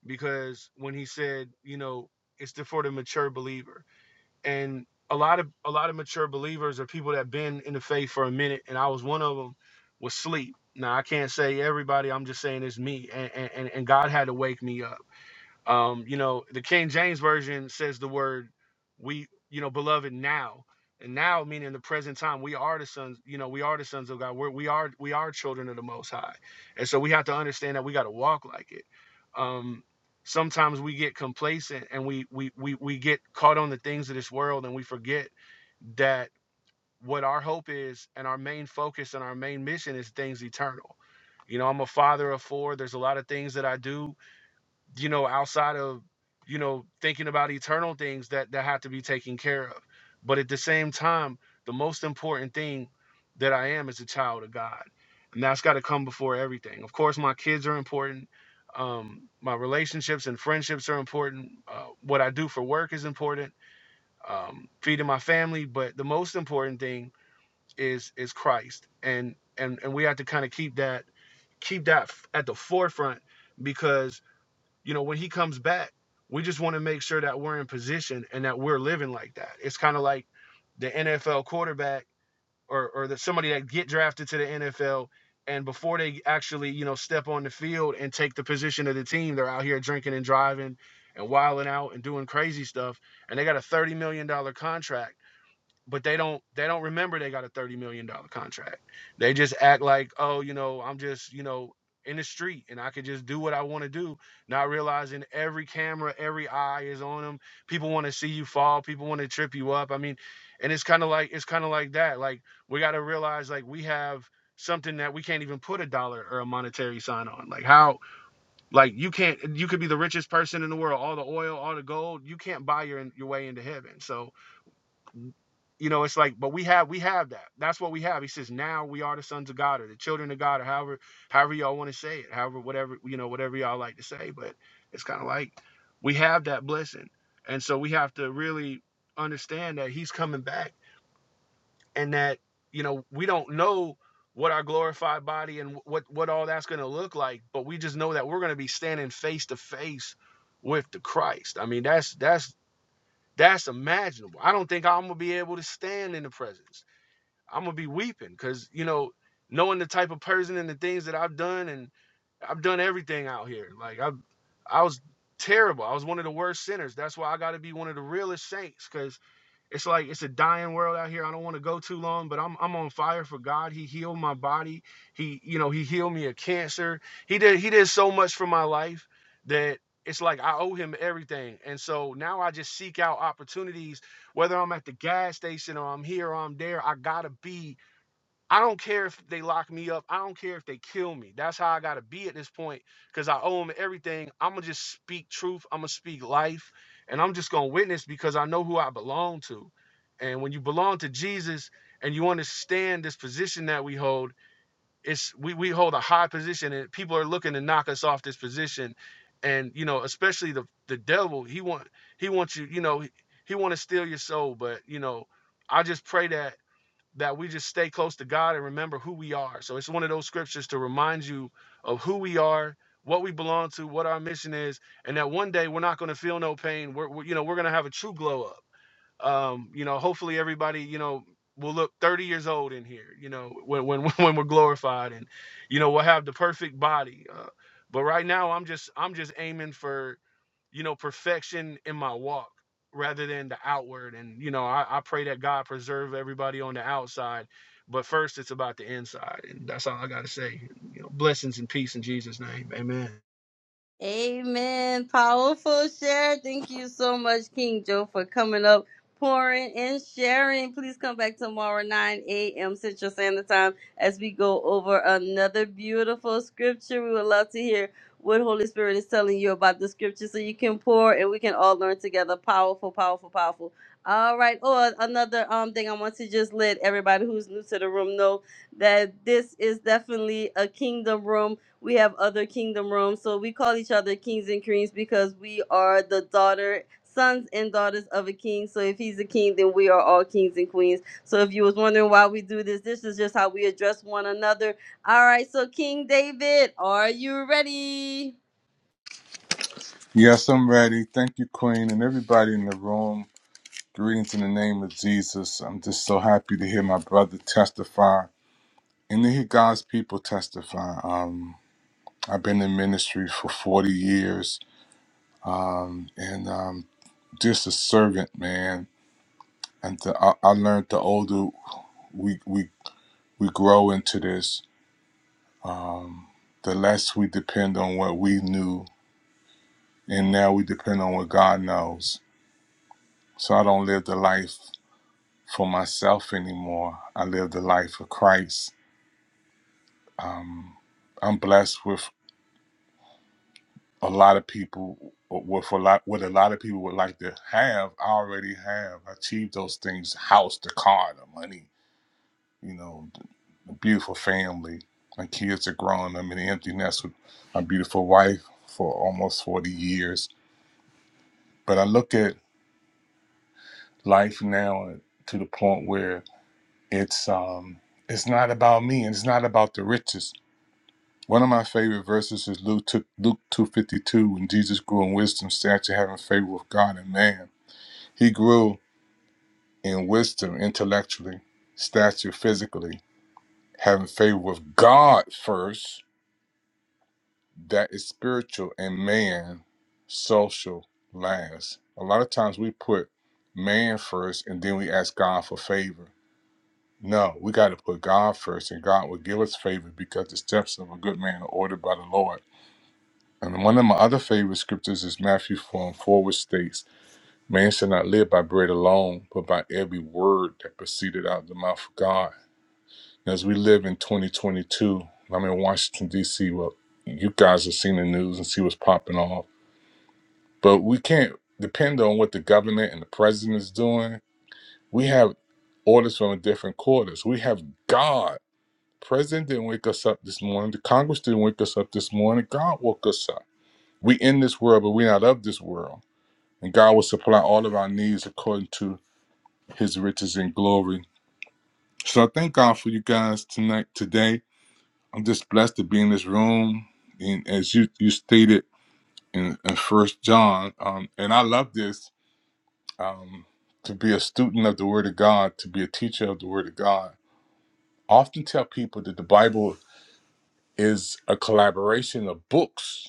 because when he said, you know, it's the, for the mature believer. And a lot of a lot of mature believers are people that been in the faith for a minute and I was one of them was sleep. Now I can't say everybody, I'm just saying it's me and and, and and God had to wake me up um, you know, the King James version says the word we, you know, beloved now. And now meaning the present time, we are the sons, you know, we are the sons of God. We're, we are we are children of the most high. And so we have to understand that we got to walk like it. Um sometimes we get complacent and we we we we get caught on the things of this world and we forget that what our hope is and our main focus and our main mission is things eternal. You know, I'm a father of four. There's a lot of things that I do you know, outside of, you know, thinking about eternal things that that have to be taken care of. But at the same time, the most important thing that I am is a child of God. And that's got to come before everything. Of course, my kids are important. Um, my relationships and friendships are important. Uh, what I do for work is important. Um, feeding my family, but the most important thing is is Christ. And and and we have to kind of keep that keep that at the forefront because you know, when he comes back, we just want to make sure that we're in position and that we're living like that. It's kind of like the NFL quarterback or or that somebody that get drafted to the NFL and before they actually, you know, step on the field and take the position of the team, they're out here drinking and driving and wilding out and doing crazy stuff and they got a 30 million dollar contract but they don't they don't remember they got a 30 million dollar contract they just act like oh you know i'm just you know in the street and i could just do what i want to do not realizing every camera every eye is on them people want to see you fall people want to trip you up i mean and it's kind of like it's kind of like that like we got to realize like we have something that we can't even put a dollar or a monetary sign on like how like you can't you could be the richest person in the world all the oil all the gold you can't buy your your way into heaven so you know, it's like, but we have we have that. That's what we have. He says, now we are the sons of God or the children of God or however however y'all want to say it, however whatever you know whatever y'all like to say. But it's kind of like we have that blessing, and so we have to really understand that He's coming back and that you know we don't know what our glorified body and what what all that's going to look like, but we just know that we're going to be standing face to face with the Christ. I mean, that's that's that's imaginable. I don't think I'm gonna be able to stand in the presence. I'm gonna be weeping because you know, knowing the type of person and the things that I've done, and I've done everything out here. Like I, I was terrible. I was one of the worst sinners. That's why I got to be one of the realest saints because it's like it's a dying world out here. I don't want to go too long, but I'm I'm on fire for God. He healed my body. He you know he healed me of cancer. He did he did so much for my life that it's like I owe him everything. And so now I just seek out opportunities, whether I'm at the gas station or I'm here or I'm there. I gotta be I don't care if they lock me up. I don't care if they kill me. That's how I got to be at this point because I owe them everything. I'm going to just speak truth. I'm going to speak life. And I'm just going to witness because I know who I belong to. And when you belong to Jesus and you understand this position that we hold, it's we, we hold a high position and people are looking to knock us off this position. And you know, especially the the devil, he want he wants you, you know, he, he want to steal your soul. But you know, I just pray that that we just stay close to God and remember who we are. So it's one of those scriptures to remind you of who we are, what we belong to, what our mission is, and that one day we're not going to feel no pain. We're, we're- you know we're going to have a true glow up. Um, you know, hopefully everybody you know will look 30 years old in here. You know, when when when we're glorified and you know we'll have the perfect body. Uh, but right now I'm just I'm just aiming for you know, perfection in my walk rather than the outward. And, you know, I, I pray that God preserve everybody on the outside. But first, it's about the inside. And that's all I got to say. You know, blessings and peace in Jesus' name. Amen. Amen. Powerful share. Thank you so much, King Joe, for coming up, pouring and sharing. Please come back tomorrow, 9 a.m. Central Standard Time, as we go over another beautiful scripture. We would love to hear what Holy Spirit is telling you about the scripture so you can pour and we can all learn together. Powerful, powerful, powerful. All right. Oh, another um thing I want to just let everybody who's new to the room know that this is definitely a kingdom room we have other kingdom rooms. So we call each other kings and queens because we are the daughter, sons and daughters of a king. So if he's a king, then we are all kings and queens. So if you was wondering why we do this, this is just how we address one another. All right. So King David, are you ready? Yes, I'm ready. Thank you, Queen, and everybody in the room. Greetings in the name of Jesus. I'm just so happy to hear my brother testify and to hear God's people testify. Um, I've been in ministry for 40 years um, and um, just a servant, man. And the, I, I learned the older we, we, we grow into this, um, the less we depend on what we knew, and now we depend on what God knows. So I don't live the life. for myself anymore. I live the life of Christ. Um, I'm blessed with a lot of people with a lot what a lot of people would like to have. I already have achieved those things: house, the car, the money. You know, a beautiful family. My kids are grown. I'm in an empty nest with my beautiful wife for almost 40 years. But I look at life now to the point where it's um, it's not about me and it's not about the riches One of my favorite verses is Luke two Luke two fifty two. When Jesus grew in wisdom, stature having favor with God and man, he grew in wisdom intellectually, stature physically, having favor with God first. That is spiritual and man, social last. A lot of times we put man first and then we ask God for favor. No, we got to put God first, and God will give us favor because the steps of a good man are ordered by the Lord. And one of my other favorite scriptures is Matthew 4 and 4, which states, Man shall not live by bread alone, but by every word that proceeded out of the mouth of God. as we live in 2022, I'm in Washington, D.C., well, you guys have seen the news and see what's popping off. But we can't depend on what the government and the president is doing. We have orders from different quarters. We have God. President didn't wake us up this morning. The Congress didn't wake us up this morning. God woke us up. We in this world, but we're not of this world. and God will supply all of our needs according to his riches and glory. So I thank God for you guys tonight, today. I'm just blessed to be in this room. And as you, you stated in, in First John, um, and I love this um, to be a student of the Word of God, to be a teacher of the Word of God. I often tell people that the Bible is a collaboration of books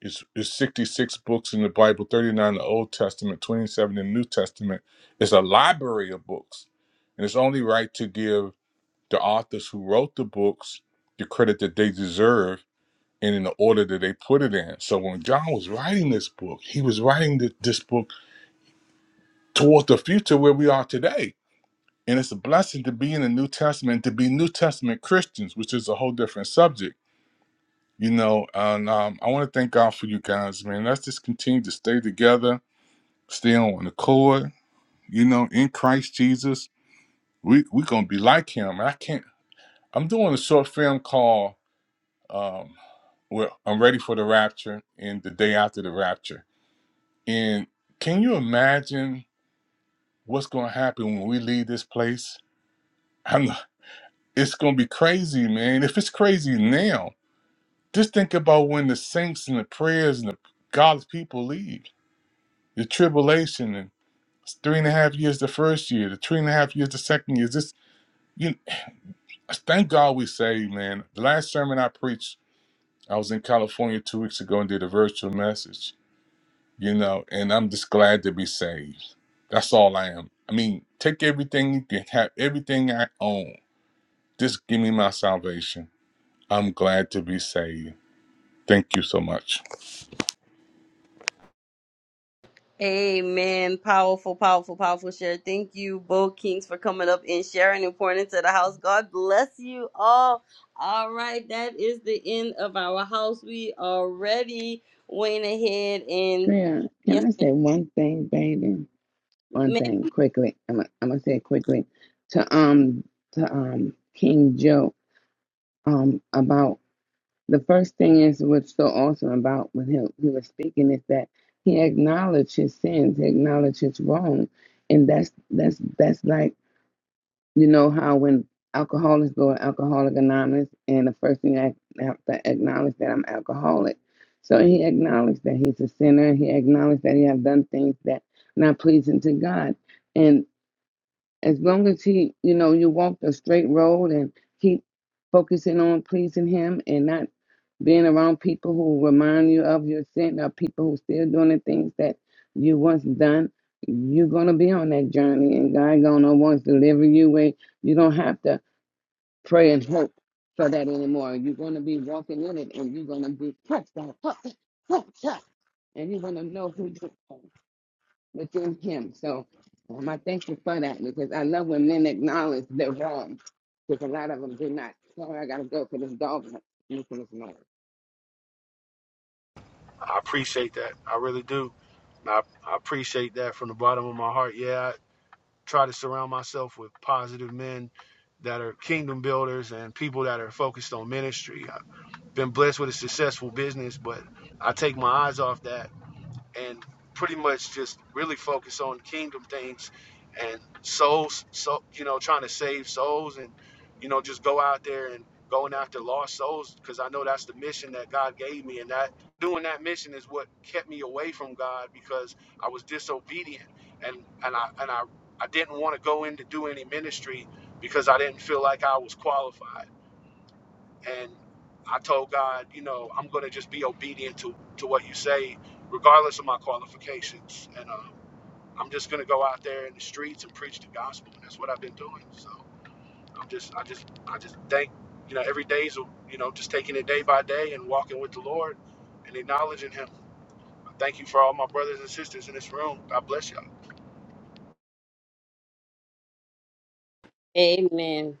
It's, it's 66 books in the Bible, 39 in the Old Testament, 27 in the New Testament. It's a library of books. And it's only right to give the authors who wrote the books the credit that they deserve and in the order that they put it in. So when John was writing this book, he was writing th- this book towards the future where we are today. And it's a blessing to be in the New Testament, to be New Testament Christians, which is a whole different subject. You know, and um, I want to thank God for you guys, man. Let's just continue to stay together stay on the accord, you know, in Christ Jesus. We we gonna be like him. I can't I'm doing a short film called um well, I'm ready for the rapture and the day after the rapture. And can you imagine what's gonna happen when we leave this place? I'm it's gonna be crazy, man. If it's crazy now, just think about when the saints and the prayers and the God's people leave. The tribulation and it's three and a half years the first year, the three and a half years the second year. This you. Thank God we saved, man. The last sermon I preached, I was in California two weeks ago and did a virtual message, you know, and I'm just glad to be saved. That's all I am. I mean, take everything you can have, everything I own. Just give me my salvation. I'm glad to be saved. Thank you so much. Amen. Powerful, powerful, powerful share. Thank you, both Kings, for coming up and sharing important to the house. God bless you all. All right, that is the end of our house. We already went ahead and Tria, yes, can I say one thing, baby? one ma'am. thing quickly. I'm gonna, I'm gonna say it quickly to um to um King Joe um about the first thing is what's so awesome about when he he was speaking is that he acknowledged his sins, he acknowledged his wrong, and that's that's that's like you know how when alcoholics go to Alcoholic Anonymous and the first thing I have to acknowledge that I'm alcoholic. So he acknowledged that he's a sinner. He acknowledged that he have done things that not pleasing to God and as long as he, you know, you walk the straight road and keep focusing on pleasing him and not being around people who remind you of your sin or people who still doing the things that you once done, you're gonna be on that journey and God gonna once deliver you where you don't have to pray and hope for that anymore. You're gonna be walking in it and you're gonna be touched by it. touch, touch, touch, and you're gonna know who you are within him. So um, I thankful for that because I love when men acknowledge their wrong because a lot of them do not. Sorry, I got to go for this dog. Look at this noise. I appreciate that. I really do. I, I appreciate that from the bottom of my heart. Yeah, I try to surround myself with positive men that are kingdom builders and people that are focused on ministry. I've been blessed with a successful business, but I take my eyes off that and pretty much just really focus on kingdom things and souls so you know trying to save souls and you know just go out there and going after lost souls because i know that's the mission that god gave me and that doing that mission is what kept me away from god because i was disobedient and and i and i i didn't want to go in to do any ministry because i didn't feel like i was qualified and I told God, you know, I'm going to just be obedient to to what you say, regardless of my qualifications, and um, I'm just going to go out there in the streets and preach the gospel, and that's what I've been doing. So I'm just, I just, I just thank, you know, every day's, you know, just taking it day by day and walking with the Lord and acknowledging Him. I Thank you for all my brothers and sisters in this room. God bless y'all. Amen.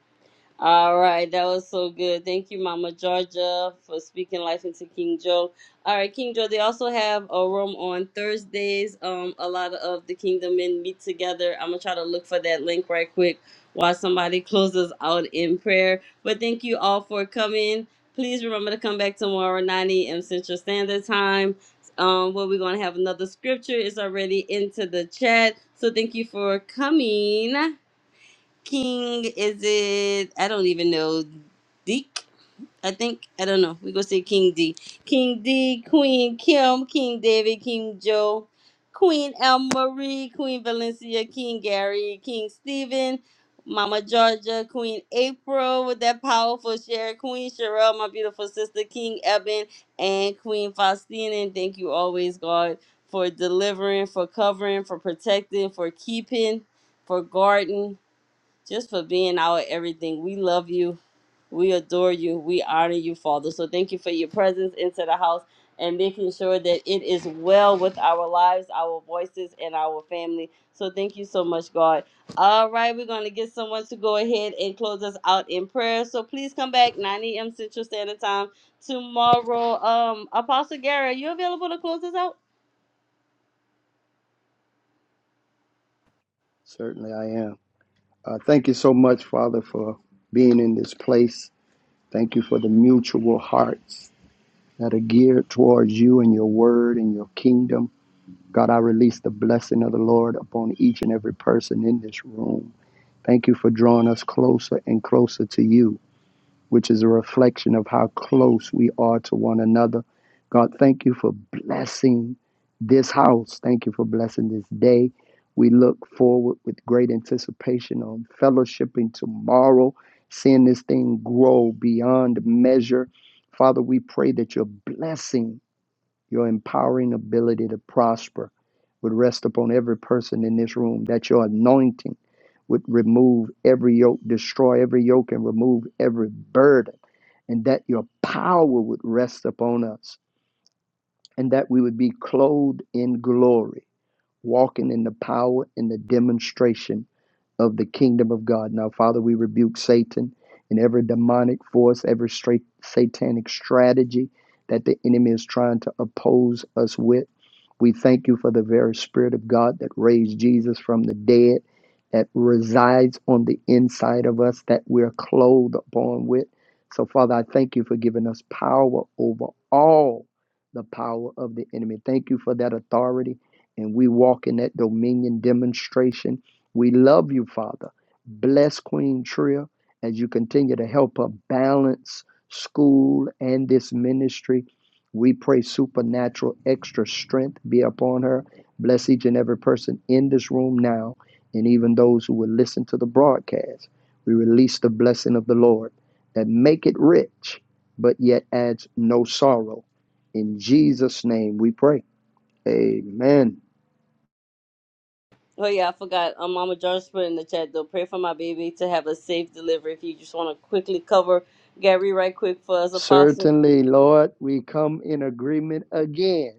All right, that was so good. Thank you, Mama Georgia, for speaking life into King Joe. All right, King Joe, they also have a room on Thursdays. Um, a lot of the kingdom men meet together. I'm gonna try to look for that link right quick while somebody closes out in prayer. But thank you all for coming. Please remember to come back tomorrow, 9 a.m. Central Standard Time. Um, where we're gonna have another scripture is already into the chat. So thank you for coming. King is it? I don't even know. Deke, I think. I don't know. We gonna say King D. King D, Queen Kim, King David, King Joe, Queen El Marie, Queen Valencia, King Gary, King Stephen, Mama Georgia, Queen April with that powerful share, Queen Cheryl, my beautiful sister, King Eben, and Queen Faustina. And thank you always, God, for delivering, for covering, for protecting, for keeping, for guarding just for being our everything. We love you. We adore you. We honor you, Father. So thank you for your presence into the house and making sure that it is well with our lives, our voices, and our family. So thank you so much, God. All right, we're going to get someone to go ahead and close us out in prayer. So please come back 9 a.m. Central Standard Time tomorrow. Um, Apostle Gary, are you available to close us out? Certainly I am. Uh, thank you so much, Father, for being in this place. Thank you for the mutual hearts that are geared towards you and your word and your kingdom. God, I release the blessing of the Lord upon each and every person in this room. Thank you for drawing us closer and closer to you, which is a reflection of how close we are to one another. God, thank you for blessing this house. Thank you for blessing this day. We look forward with great anticipation on fellowshipping tomorrow, seeing this thing grow beyond measure. Father, we pray that your blessing your empowering ability to prosper would rest upon every person in this room, that your anointing would remove every yoke, destroy every yoke, and remove every burden, and that your power would rest upon us, and that we would be clothed in glory, walking in the power and the demonstration of the kingdom of God. Now, Father, we rebuke Satan and every demonic force, every straight satanic strategy that the enemy is trying to oppose us with. We thank you for the very Spirit of God that raised Jesus from the dead, that resides on the inside of us, that we're clothed upon with. So, Father, I thank you for giving us power over all the power of the enemy. Thank you for that authority. And we walk in that dominion demonstration we love you, Father. Bless Queen Tria as you continue to help her balance school and this ministry. We pray supernatural extra strength be upon her. Bless each and every person in this room now, and even those who will listen to the broadcast. We release the blessing of the Lord that make it rich, but yet adds no sorrow. In Jesus' name we pray. Amen. Oh yeah, I forgot. Um, Mama George put in the chat though. Pray for my baby to have a safe delivery. If you just want to quickly cover Gary right quick for us, Apostle. Certainly, Lord, we come in agreement again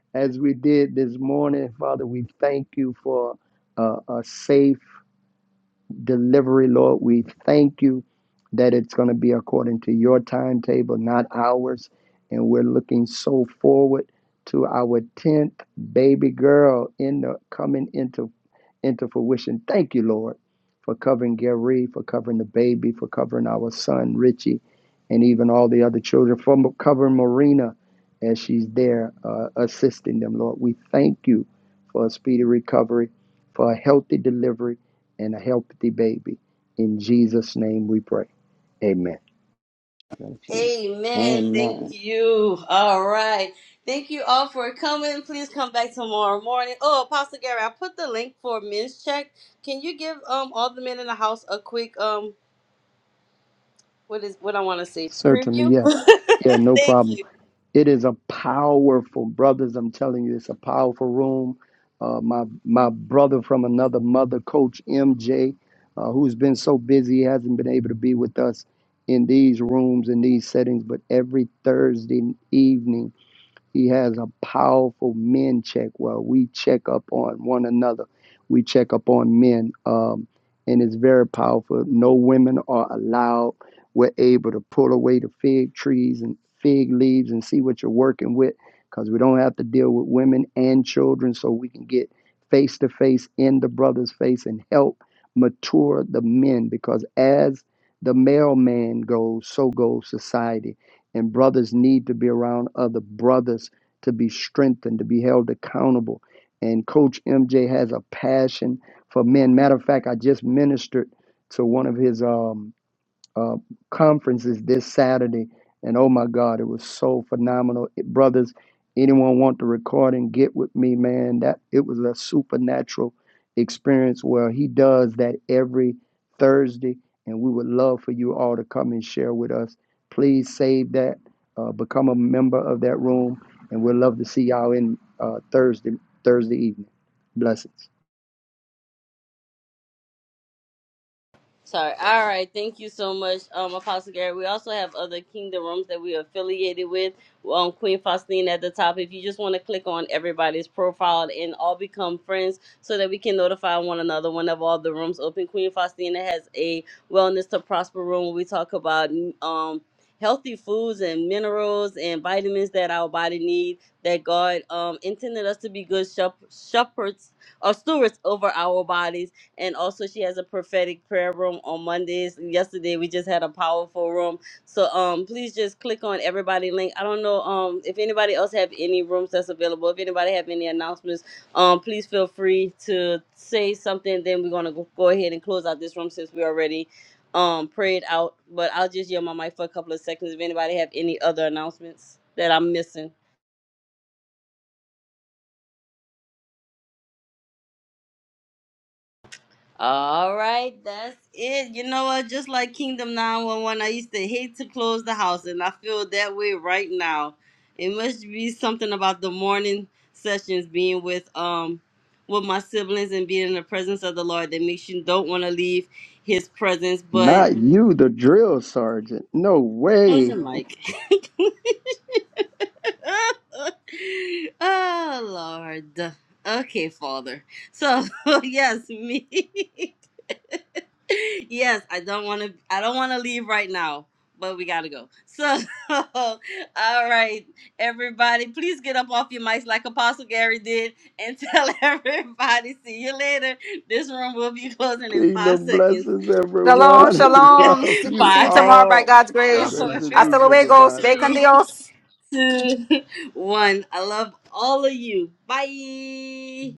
as we did this morning. Father, we thank you for uh, a safe delivery, Lord. We thank you that it's going to be according to your timetable, not ours. And we're looking so forward to our 10th baby girl in the coming into into fruition. Thank you, Lord, for covering Gary, for covering the baby, for covering our son Richie, and even all the other children, for covering Marina as she's there uh, assisting them, Lord. We thank you for a speedy recovery, for a healthy delivery and a healthy baby. In Jesus' name we pray. Amen. Bless you. Amen. Thank Amen. you. All right. Thank you all for coming. Please come back tomorrow morning. Oh, Apostle Gary, I put the link for men's check. Can you give um all the men in the house a quick um what is what I want to say Certainly, preview? yes. Yeah, no Thank problem. you. It is a powerful, brothers. I'm telling you, it's a powerful room. Uh, my my brother from another mother, Coach MJ, uh, who's been so busy, he hasn't been able to be with us in these rooms in these settings. But every Thursday evening He has a powerful men check where we check up on one another. We check up on men, um, and it's very powerful. No women are allowed. We're able to pull away the fig trees and fig leaves and see what you're working with because we don't have to deal with women and children, so we can get face to face in the brother's face and help mature the men because as the male man goes, so goes society and brothers need to be around other brothers to be strengthened, to be held accountable. And Coach MJ has a passion for men. Matter of fact, I just ministered to one of his um, uh, conferences this Saturday, and oh my God, it was so phenomenal, It- brothers. Anyone want the recording? Get with me, man. That it was a supernatural experience where he does that every Thursday, and we would love for you all to come and share with us. Please save that, uh, become a member of that room, and we'd love to see y'all in uh, Thursday Thursday evening. Blessings. Sorry. All right. Thank you so much, um, Apostle Gary. We also have other kingdom rooms that we are affiliated with. Um, Queen Faustina at the top. If you just want to click on everybody's profile and all become friends so that we can notify one another whenever all the rooms open. Queen Faustina has a wellness to prosper room where we talk about um healthy foods and minerals and vitamins that our body need that God um intended us to be good shep- shepherds or stewards over our bodies and also, she has a prophetic prayer room on Mondays. Yesterday, we just had a powerful room. So um, please just click on everybody link. I don't know um if anybody else have any rooms that's available. If anybody have any announcements, um, please feel free to say something. Then we're gonna go, go ahead and close out this room since we already um prayed out. But I'll just yield my mic for a couple of seconds. If anybody have any other announcements that I'm missing. All right, that's it. You know what? Just like Kingdom 911, I used to hate to close the house, and I feel that way right now. It must be something about the morning sessions being with um with my siblings and being in the presence of the Lord that makes you don't want to leave his presence. But Not you, the drill sergeant. No close your way. mic. oh Lord. Okay, Father. So yes, me. yes, I don't want to. I don't want to leave right now, but we gotta go. So, all right, everybody, please get up off your mics like Apostle Gary did, and tell everybody. See you later. This room will be closing in five Kingdom seconds. blessings, Shalom, everyone. shalom. Love See you see you Five, tomorrow by all. God's God grace. Grace four, bless and y'all. Hasta God peace, luego. everybody. bless y'all. Bacon three, Dios. two, one. I love all of you. Bye.